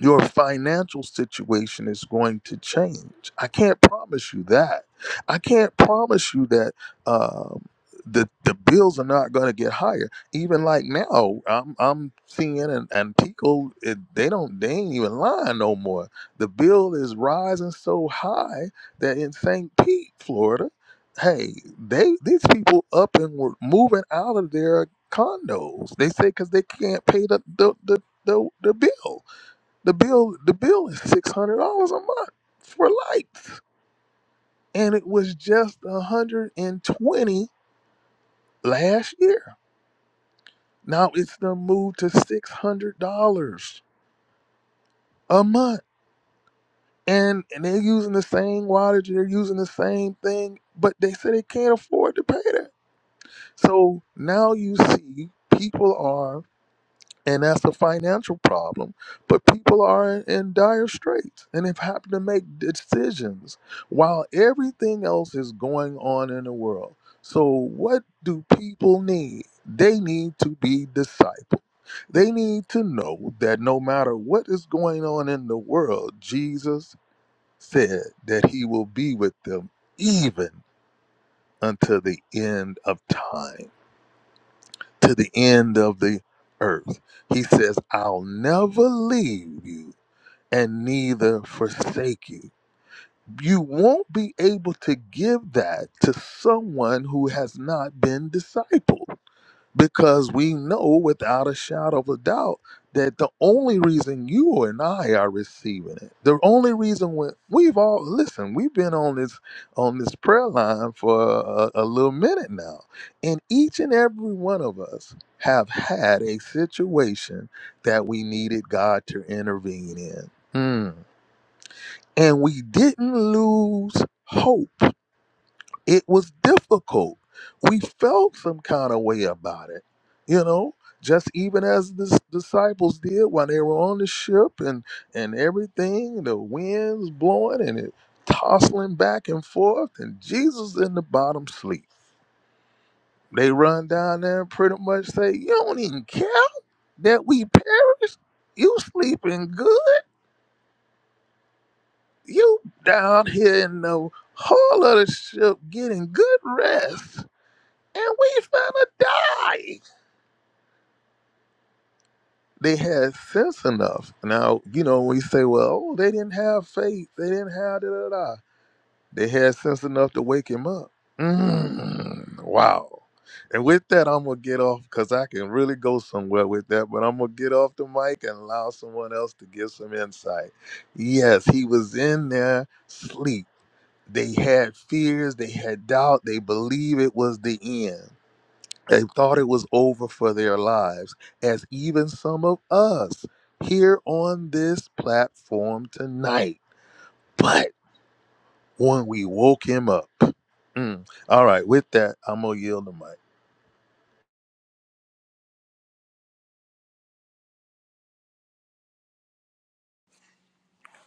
Speaker 1: your financial situation is going to change. I can't promise you that. I can't promise you that um, the the bills are not going to get higher. Even like now, I'm I'm seeing and, and people it, they don't they ain't even lying no more. The bill is rising so high that in St. Pete, Florida, hey, they these people up and were moving out of their condos. They say because they can't pay the the the, the, the bill the bill the bill is six hundred dollars a month for lights. And it was just a hundred and twenty last year. Now it's the move to six hundred dollars a month. And and they're using the same wattage, they're using the same thing, but they say they can't afford to pay that. So now you see people are and that's a financial problem. But people are in, in dire straits and have having to make decisions while everything else is going on in the world. So, what do people need? They need to be discipled. They need to know that no matter what is going on in the world, Jesus said that he will be with them even until the end of time to the end of the earth. He says, I'll never leave you and neither forsake you. You won't be able to give that to someone who has not been discipled because we know without a shadow of a doubt that the only reason you and I are receiving it, the only reason when we've all listen, we've been on this on this prayer line for a, a little minute now, and each and every one of us have had a situation that we needed God to intervene in, Hmm. and we didn't lose hope it was difficult. We felt some kind of way about it, you know, just even as the s- disciples did when they were on the ship and and everything, the winds blowing and it tossing back and forth, and Jesus in the bottom sleep. They run down there and pretty much say, "You don't even care that we perish. You sleeping good. You down here in the hull of the ship getting good rest." and we finna die. They had sense enough. Now, you know, we say, well, oh, they didn't have faith, they didn't have da da da. They had sense enough to wake him up. Mm, wow. And with that, I'm gonna get off because I can really go somewhere with that. But I'm gonna get off the mic and allow someone else to give some insight. Yes, he was in their sleep. They had fears, they had doubt, they believe it was the end. They thought it was over for their lives, as even some of us here on this platform tonight. But when we woke him up, Mm. all right, with that, I'm going to yield the mic.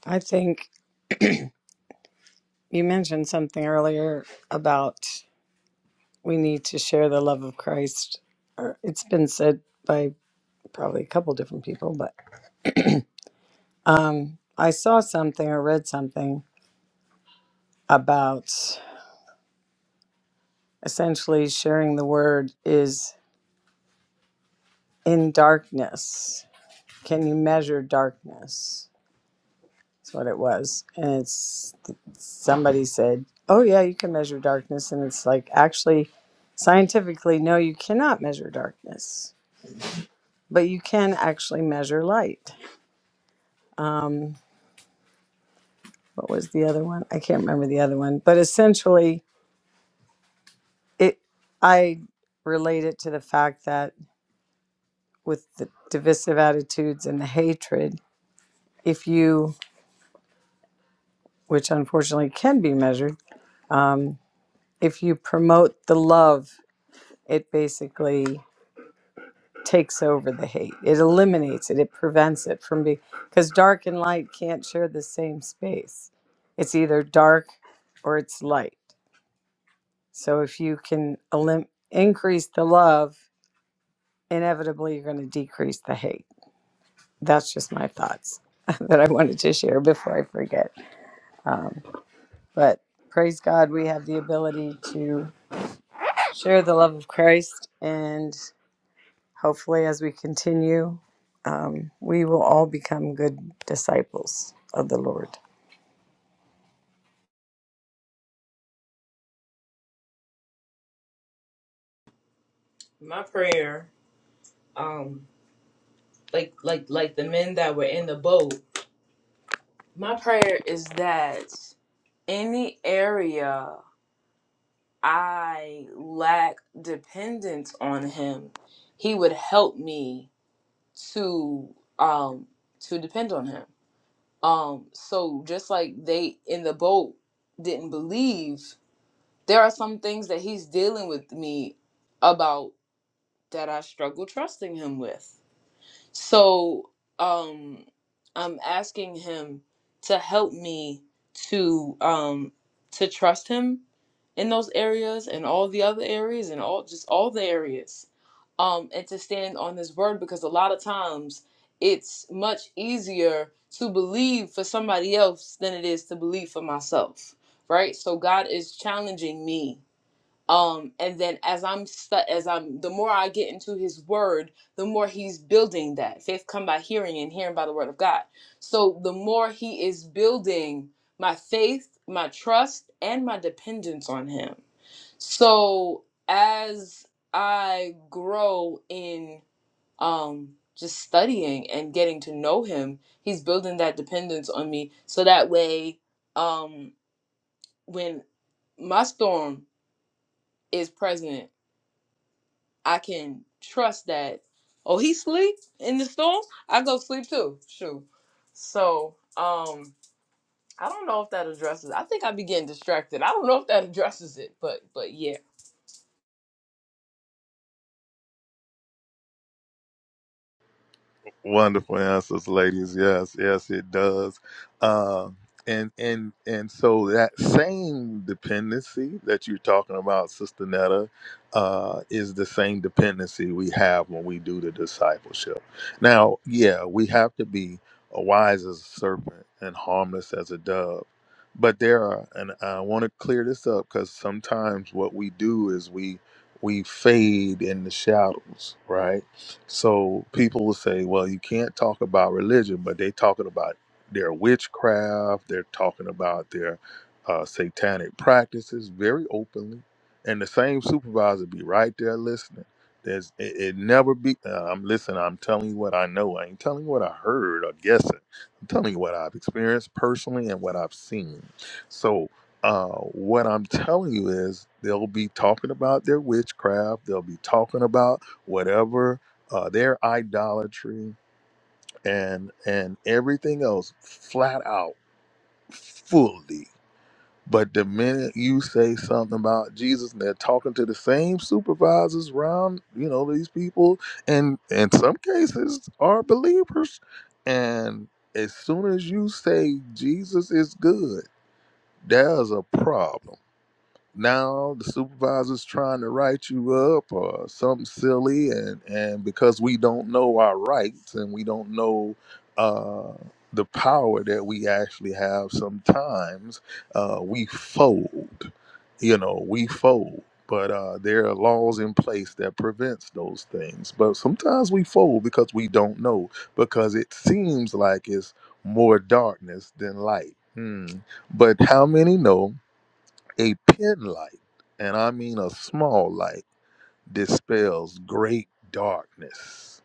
Speaker 2: i think you mentioned something earlier about we need to share the love of christ or it's been said by probably a couple different people but um i saw something or read something about. essentially sharing the word is in darkness. Can you measure darkness? That's what it was. And it's somebody said, Oh, yeah, you can measure darkness. And it's like, actually, scientifically, no, you cannot measure darkness, but you can actually measure light. Um, what was the other one? I can't remember the other one, but essentially, it, I relate it to the fact that with the divisive attitudes and the hatred, if you which unfortunately can be measured, um, if you promote the love, it basically takes over the hate. It eliminates it. It prevents it from being because dark and light can't share the same space. It's either dark or it's light. So if you can elim- increase the love, inevitably you're going to decrease the hate. That's just my thoughts <laughs> that I wanted to share before I forget. Um, but praise God, we have the ability to. share the love of Christ, and hopefully, as we continue, um, we will all become good disciples of the Lord.
Speaker 3: my prayer um like like like the men that were in the boat My prayer is that any area I lack dependence on him, he would help me to um to depend on him. Um so just like they in the boat didn't believe, there are some things that he's dealing with me about that I struggle trusting him with. So um I'm asking him to help me to um to trust him in those areas and all the other areas and all just all the areas. Um and to stand on his word because a lot of times it's much easier to believe for somebody else than it is to believe for myself. Right? So God is challenging me um and then as i'm stu- as i'm the more i get into his word the more he's building that faith come by hearing and hearing by the word of god so the more he is building my faith my trust and my dependence on him so as i grow in um just studying and getting to know him he's building that dependence on me so that way um when my storm is present I can trust that. Oh, he sleep in the storm. I go sleep too. Shoot. So, um, I don't know if that addresses. I think I be getting distracted. I don't know if that addresses it, but but yeah,
Speaker 1: Wonderful answers, ladies. Yes, yes, it does. Uh, and and and so that same dependency that you're talking about, Sister Netta, uh, is the same dependency we have when we do the discipleship. Now, yeah, we have to be uh, wise as a serpent and harmless as a dove. But there are, and I want to clear this up because sometimes what we do is we we fade in the shadows, right? So people will say, well, you can't talk about religion, but they talking about their witchcraft, they're talking about their uh, satanic practices very openly, and the same supervisor be right there listening. There's it, it never be. Uh, I'm listening. I'm telling you what I know. I ain't telling you what I heard or guessing. I'm telling you what I've experienced personally and what I've seen. So uh, what I'm telling you is they'll be talking about their witchcraft. They'll be talking about whatever uh, their idolatry and and everything else flat out fully but the minute you say something about jesus and they're talking to the same supervisors around you know these people and in some cases are believers and as soon as you say jesus is good there's a problem now the supervisor's trying to write you up or something silly and and because we don't know our rights and we don't know uh the power that we actually have sometimes uh we fold you know we fold but uh, there are laws in place that prevents those things but sometimes we fold because we don't know because it seems like it's more darkness than light hmm. but how many know a pin light, and I mean a small light, dispels great darkness.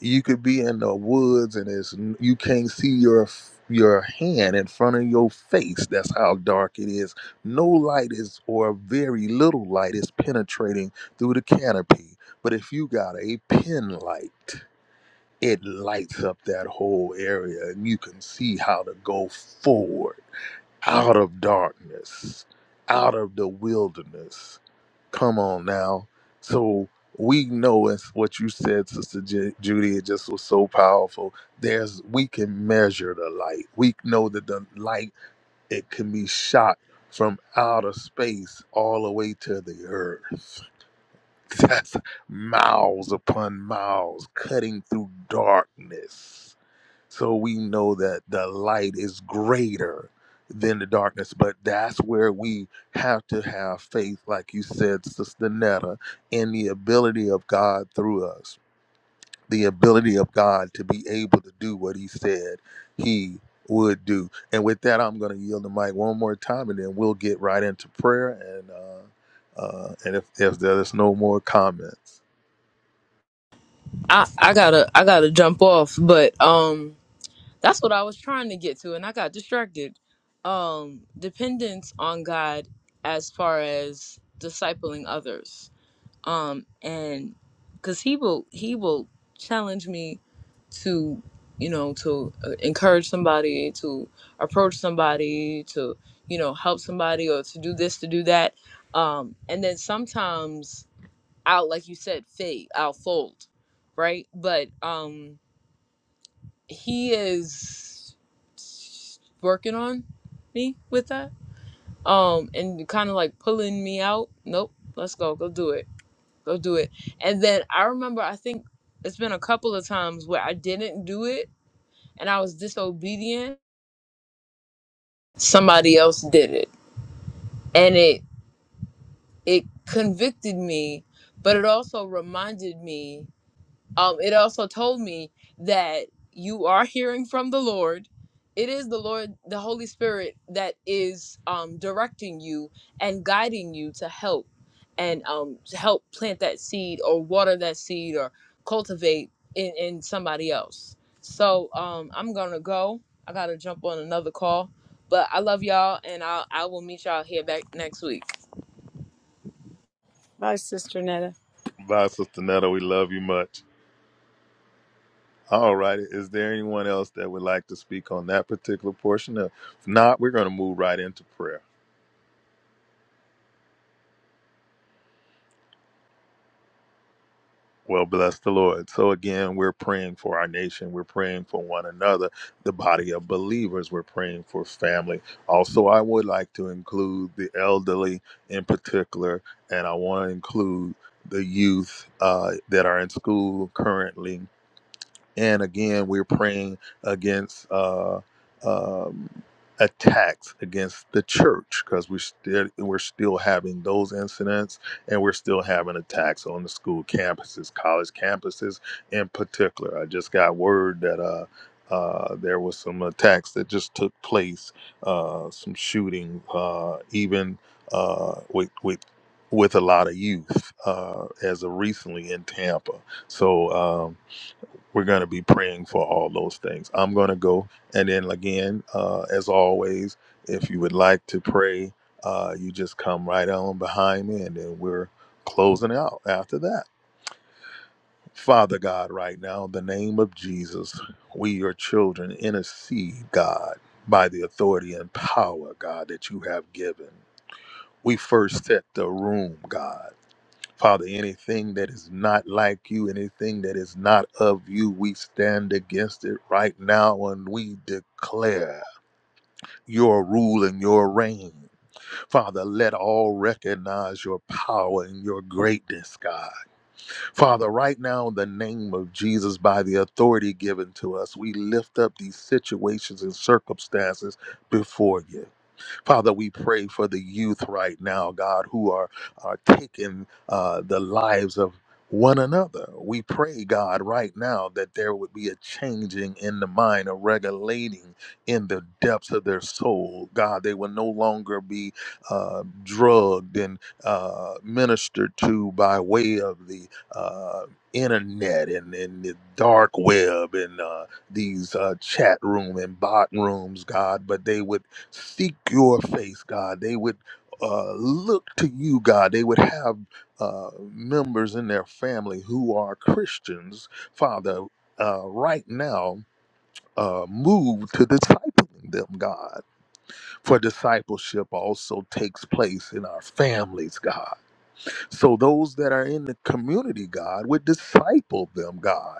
Speaker 1: You could be in the woods and it's you can't see your your hand in front of your face. That's how dark it is. No light is or very little light is penetrating through the canopy. But if you got a pin light, it lights up that whole area and you can see how to go forward out of darkness, out of the wilderness. Come on now. So we know it's what you said, Sister Ju- Judy. It just was so powerful. There's we can measure the light. We know that the light it can be shot from outer space all the way to the earth. <laughs> That's miles upon miles cutting through darkness so we know that the light is greater than the darkness. But that's where we have to have faith, like you said, Sister Netta, in the ability of God through us, the ability of God to be able to do what He said He would do. And with that, I'm going to yield the mic one more time, and then we'll get right into prayer. And uh, uh, and if, if there's no more comments,
Speaker 3: I I gotta I gotta jump off. But um, that's what I was trying to get to, and I got distracted. Um, dependence on God as far as discipling others um and because he will he will challenge me to you know to uh, encourage somebody to approach somebody to you know help somebody or to do this to do that um and then sometimes i'll like you said fade i'll fold right but um he is working on me with that um and kind of like pulling me out nope let's go go do it go do it. And then I remember, I think it's been a couple of times where I didn't do it and I was disobedient. Somebody else did it, and it it convicted me, but it also reminded me. um, it also told me that you are hearing from the Lord. It is the Lord, the Holy Spirit, that is um, directing you and guiding you to help and um, to help plant that seed or water that seed or cultivate in, in somebody else. So um, I'm going to go. I got to jump on another call. But I love y'all, and i I will meet y'all here back next week.
Speaker 2: Bye, Sister Netta.
Speaker 1: Bye, Sister Netta. We love you much. All right. Is there anyone else that would like to speak on that particular portion? Uh, If not, we're going to move right into prayer. Well, bless the Lord. So, again, we're praying for our nation. We're praying for one another, the body of believers. We're praying for family. Also, I would like to include the elderly in particular, and I want to include the youth uh, that are in school currently And again, we're praying against uh, um, attacks against the church because we're still we're still having those incidents, and we're still having attacks on the school campuses, college campuses in particular. I just got word that uh, uh, there was some attacks that just took place, uh, some shooting, uh, even uh, with with with a lot of youth uh, as of recently in Tampa. So. Um, we're going to be praying for all those things. I'm going to go. And then again, uh, as always, if you would like to pray, uh, you just come right on behind me and then we're closing out after that. Father God, right now, in the name of Jesus, we, your children, intercede, God, by the authority and power, God, that you have given. We first set the room, God. Father, anything that is not like you, anything that is not of you, we stand against it right now and we declare your rule and your reign. Father, let all recognize your power and your greatness, God. Father, right now, in the name of Jesus, by the authority given to us, we lift up these situations and circumstances before you. Father, we pray for the youth right now, God, who are, are taking uh, the lives of one another. We pray, God, right now that there would be a changing in the mind, a regulating in the depths of their soul. God, they will no longer be uh, drugged and uh, ministered to by way of the uh, internet and, and the dark web and uh, these uh, chat room and bot rooms, God, but they would seek your face, God. They would uh, look to you, God. They would have uh, members in their family who are Christians, Father, uh, right now. Uh, move to discipling them, God, for discipleship also takes place in our families, God. So those that are in the community, God, would disciple them, God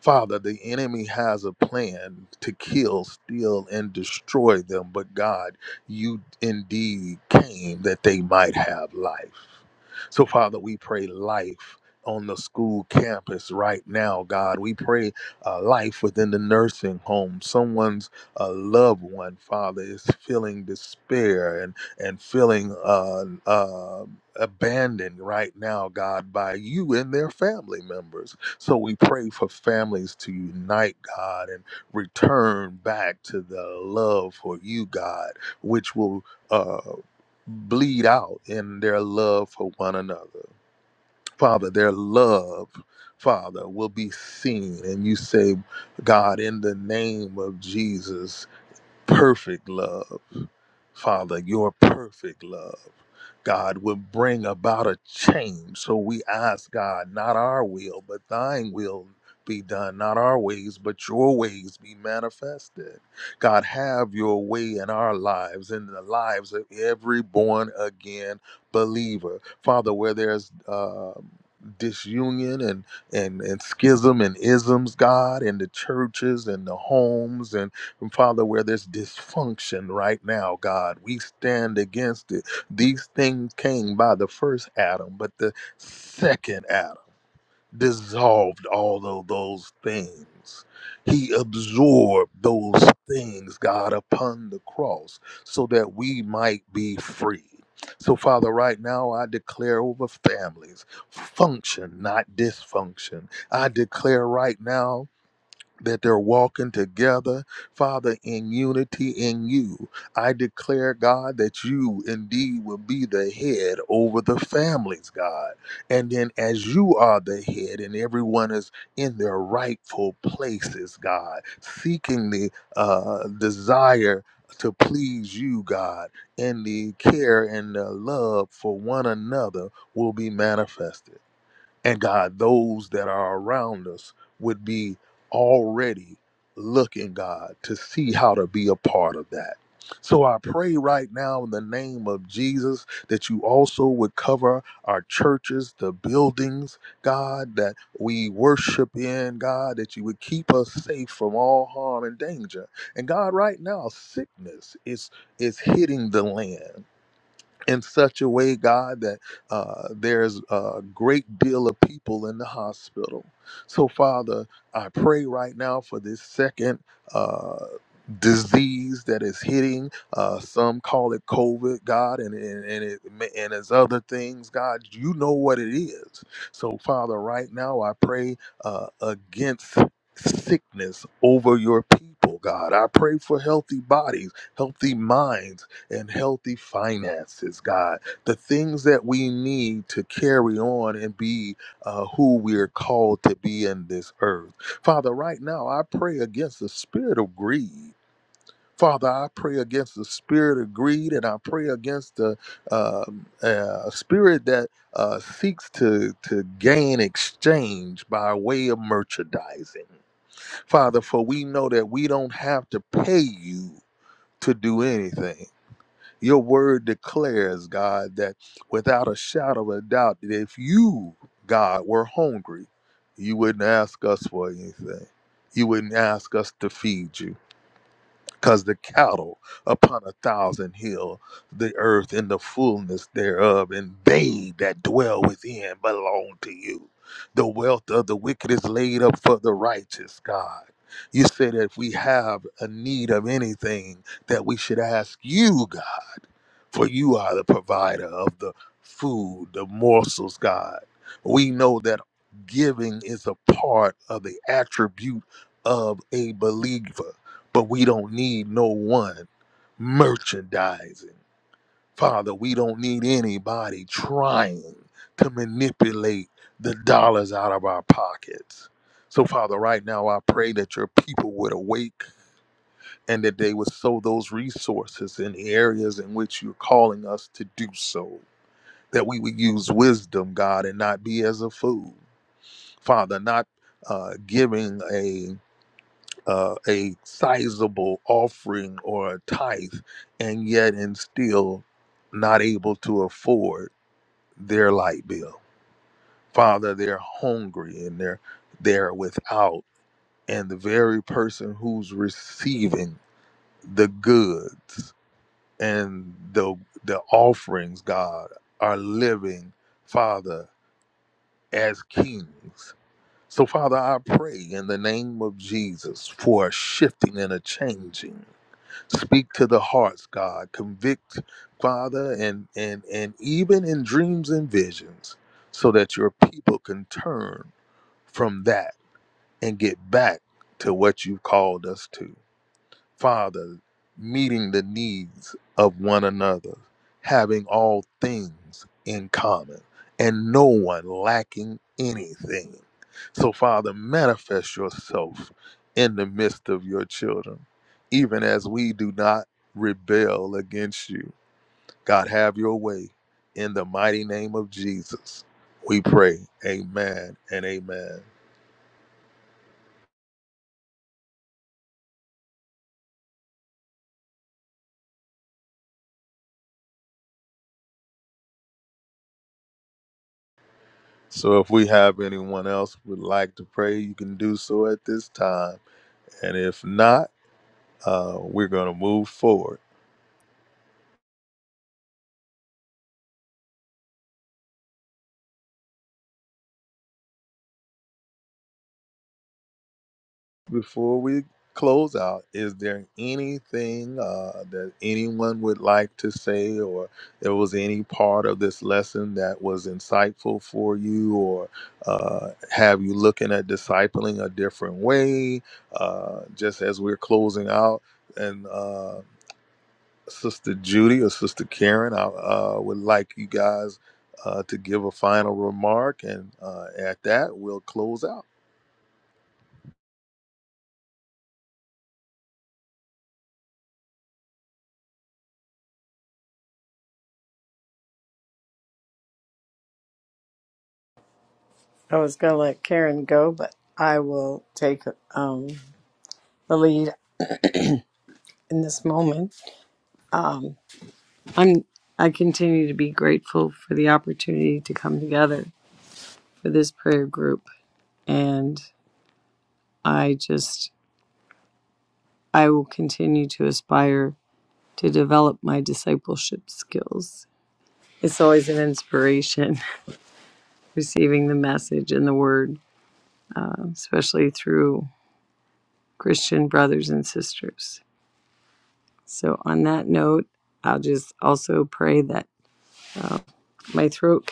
Speaker 1: Father, the enemy has a plan to kill, steal, and destroy them, but God, you indeed came that they might have life. So, Father, we pray life. On the school campus right now, God. We pray uh, life within the nursing home. Someone's uh, loved one, Father, is feeling despair and, and feeling uh, uh, abandoned right now, God, by you and their family members. So we pray for families to unite, God, and return back to the love for you, God, which will uh, bleed out in their love for one another. Father, their love, Father, will be seen. And you say, God, in the name of Jesus perfect love, Father, your perfect love, God, will bring about a change. So we ask, God, not our will, but thine will be done, not our ways, but your ways be manifested. God, have your way in our lives, in the lives of every born again believer. Father, where there's uh, disunion and, and, and schism and isms, God, in the churches and the homes and and Father, where there's dysfunction right now, God, we stand against it. These things came by the first Adam, but the second Adam dissolved all of those things. He absorbed those things, God, upon the cross so that we might be free. So, Father, right now I declare over families function, not dysfunction. I declare right now that they're walking together, Father, in unity in you. I declare, God, that you indeed will be the head over the families, God. And then as you are the head and everyone is in their rightful places, God, seeking the uh, desire to please you, God, and the care and the love for one another will be manifested. And God, those that are around us would be already looking, God, to see how to be a part of that. So I pray right now in the name of Jesus that you also would cover our churches, the buildings, God, that we worship in, God, that you would keep us safe from all harm and danger. And God, right now, sickness is is hitting the land in such a way, God, that uh, there's a great deal of people in the hospital. So, Father, I pray right now for this second. Uh, disease that is hitting uh some call it covid god and and, and it and it's other things god you know what it is so father right now i pray uh against sickness over your people god i pray for healthy bodies healthy minds and healthy finances, God. The things that we need to carry on and be uh, who we're called to be in this earth. Father, right now, I pray against the spirit of greed. Father, I pray against the spirit of greed and I pray against the um, uh, spirit that uh, seeks to, to gain exchange by way of merchandising. Father, for we know that we don't have to pay you to do anything. Your word declares, God, that without a shadow of a doubt, that if you, God, were hungry, you wouldn't ask us for anything. You wouldn't ask us to feed you because the cattle upon a thousand hill, the earth and the fullness thereof, and they that dwell within belong to you. The wealth of the wicked is laid up for the righteous, God. You said that if we have a need of anything, that we should ask you, God, for you are the provider of the food, the morsels, God. We know that giving is a part of the attribute of a believer but we don't need no one merchandising. Father, we don't need anybody trying to manipulate the dollars out of our pockets. So, Father, right now I pray that your people would awake and that they would sow those resources in the areas in which you're calling us to do so. That we would use wisdom, God, and not be as a fool. Father, not uh, giving a uh, a sizable offering or a tithe, and yet and still not able to afford their light bill. Father, they're hungry and they're they're without, and the very person who's receiving the goods and the the offerings, God, are living, Father, as kings. So, Father, I pray in the name of Jesus for a shifting and a changing speak to the hearts god convict father and and and even in dreams and visions so that your people can turn from that and get back to what you called us to Father, meeting the needs of one another, having all things in common, and no one lacking anything. So, Father, manifest yourself in the midst of your children, even as we do not rebel against you. God, have your way. In the mighty name of Jesus, we pray. Amen and amen. So, if we have anyone else who would like to pray, you can do so at this time And if not, uh, we're going to move forward. Before we close out, is there anything uh, that anyone would like to say, or there was any part of this lesson that was insightful for you, or uh, have you looking at discipling a different way? Uh, just as we're closing out, and uh, Sister Judy or Sister Karen, I uh, would like you guys uh, to give a final remark, and uh, at that, we'll close out.
Speaker 2: I was going to let Karen go, but I will take um, the lead in this moment. I'm. I continue to be grateful for the opportunity to come together for this prayer group, and I just I will continue to aspire to develop my discipleship skills It's always an inspiration <laughs> receiving the message and the word, uh, especially through Christian brothers and sisters. So, on that note, I'll just also pray that my throat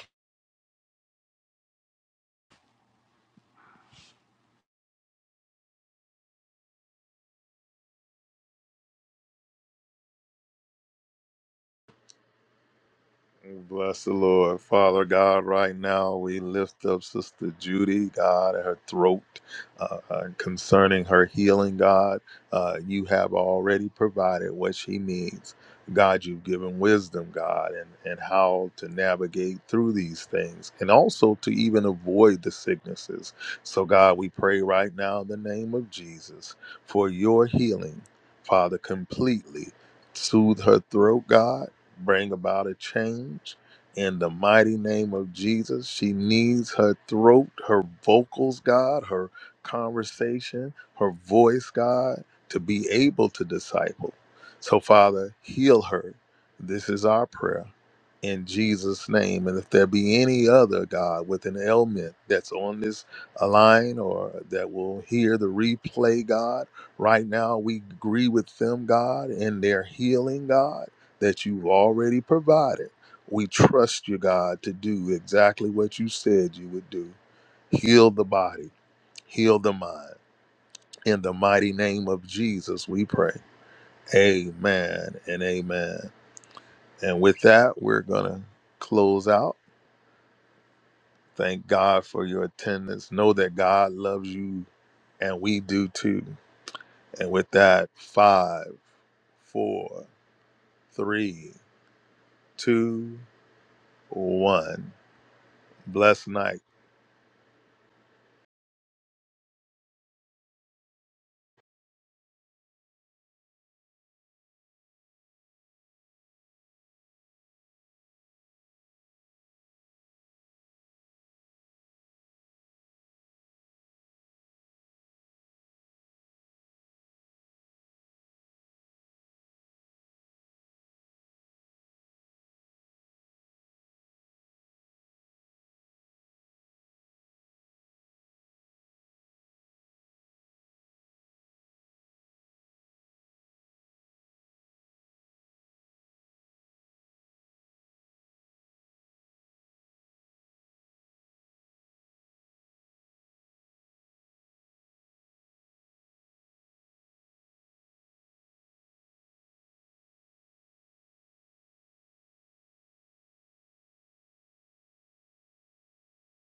Speaker 1: Bless the Lord. Father God, right now we lift up Sister Judy, God, and her throat uh, uh, concerning her healing, God. Uh, you have already provided what she needs. God, you've given wisdom, God, and, and how to navigate through these things and also to even avoid the sicknesses. So, God, we pray right now in the name of Jesus for your healing, Father, completely. Soothe her throat, God bring about a change in the mighty name of Jesus. She needs her throat, her vocals, God, her conversation, her voice, God, to be able to disciple. So, Father, heal her. This is our prayer in Jesus' name. And if there be any other, God, with an ailment that's on this line or that will hear the replay, God, right now we agree with them, God, in their healing, God that you've already provided. We trust you, God, to do exactly what you said you would do. Heal the body, heal the mind. In the mighty name of Jesus, we pray. Amen and amen. And with that, we're going to close out. Thank God for your attendance. Know that God loves you and we do too. And with that, five, four, three, two, one. Blessed night.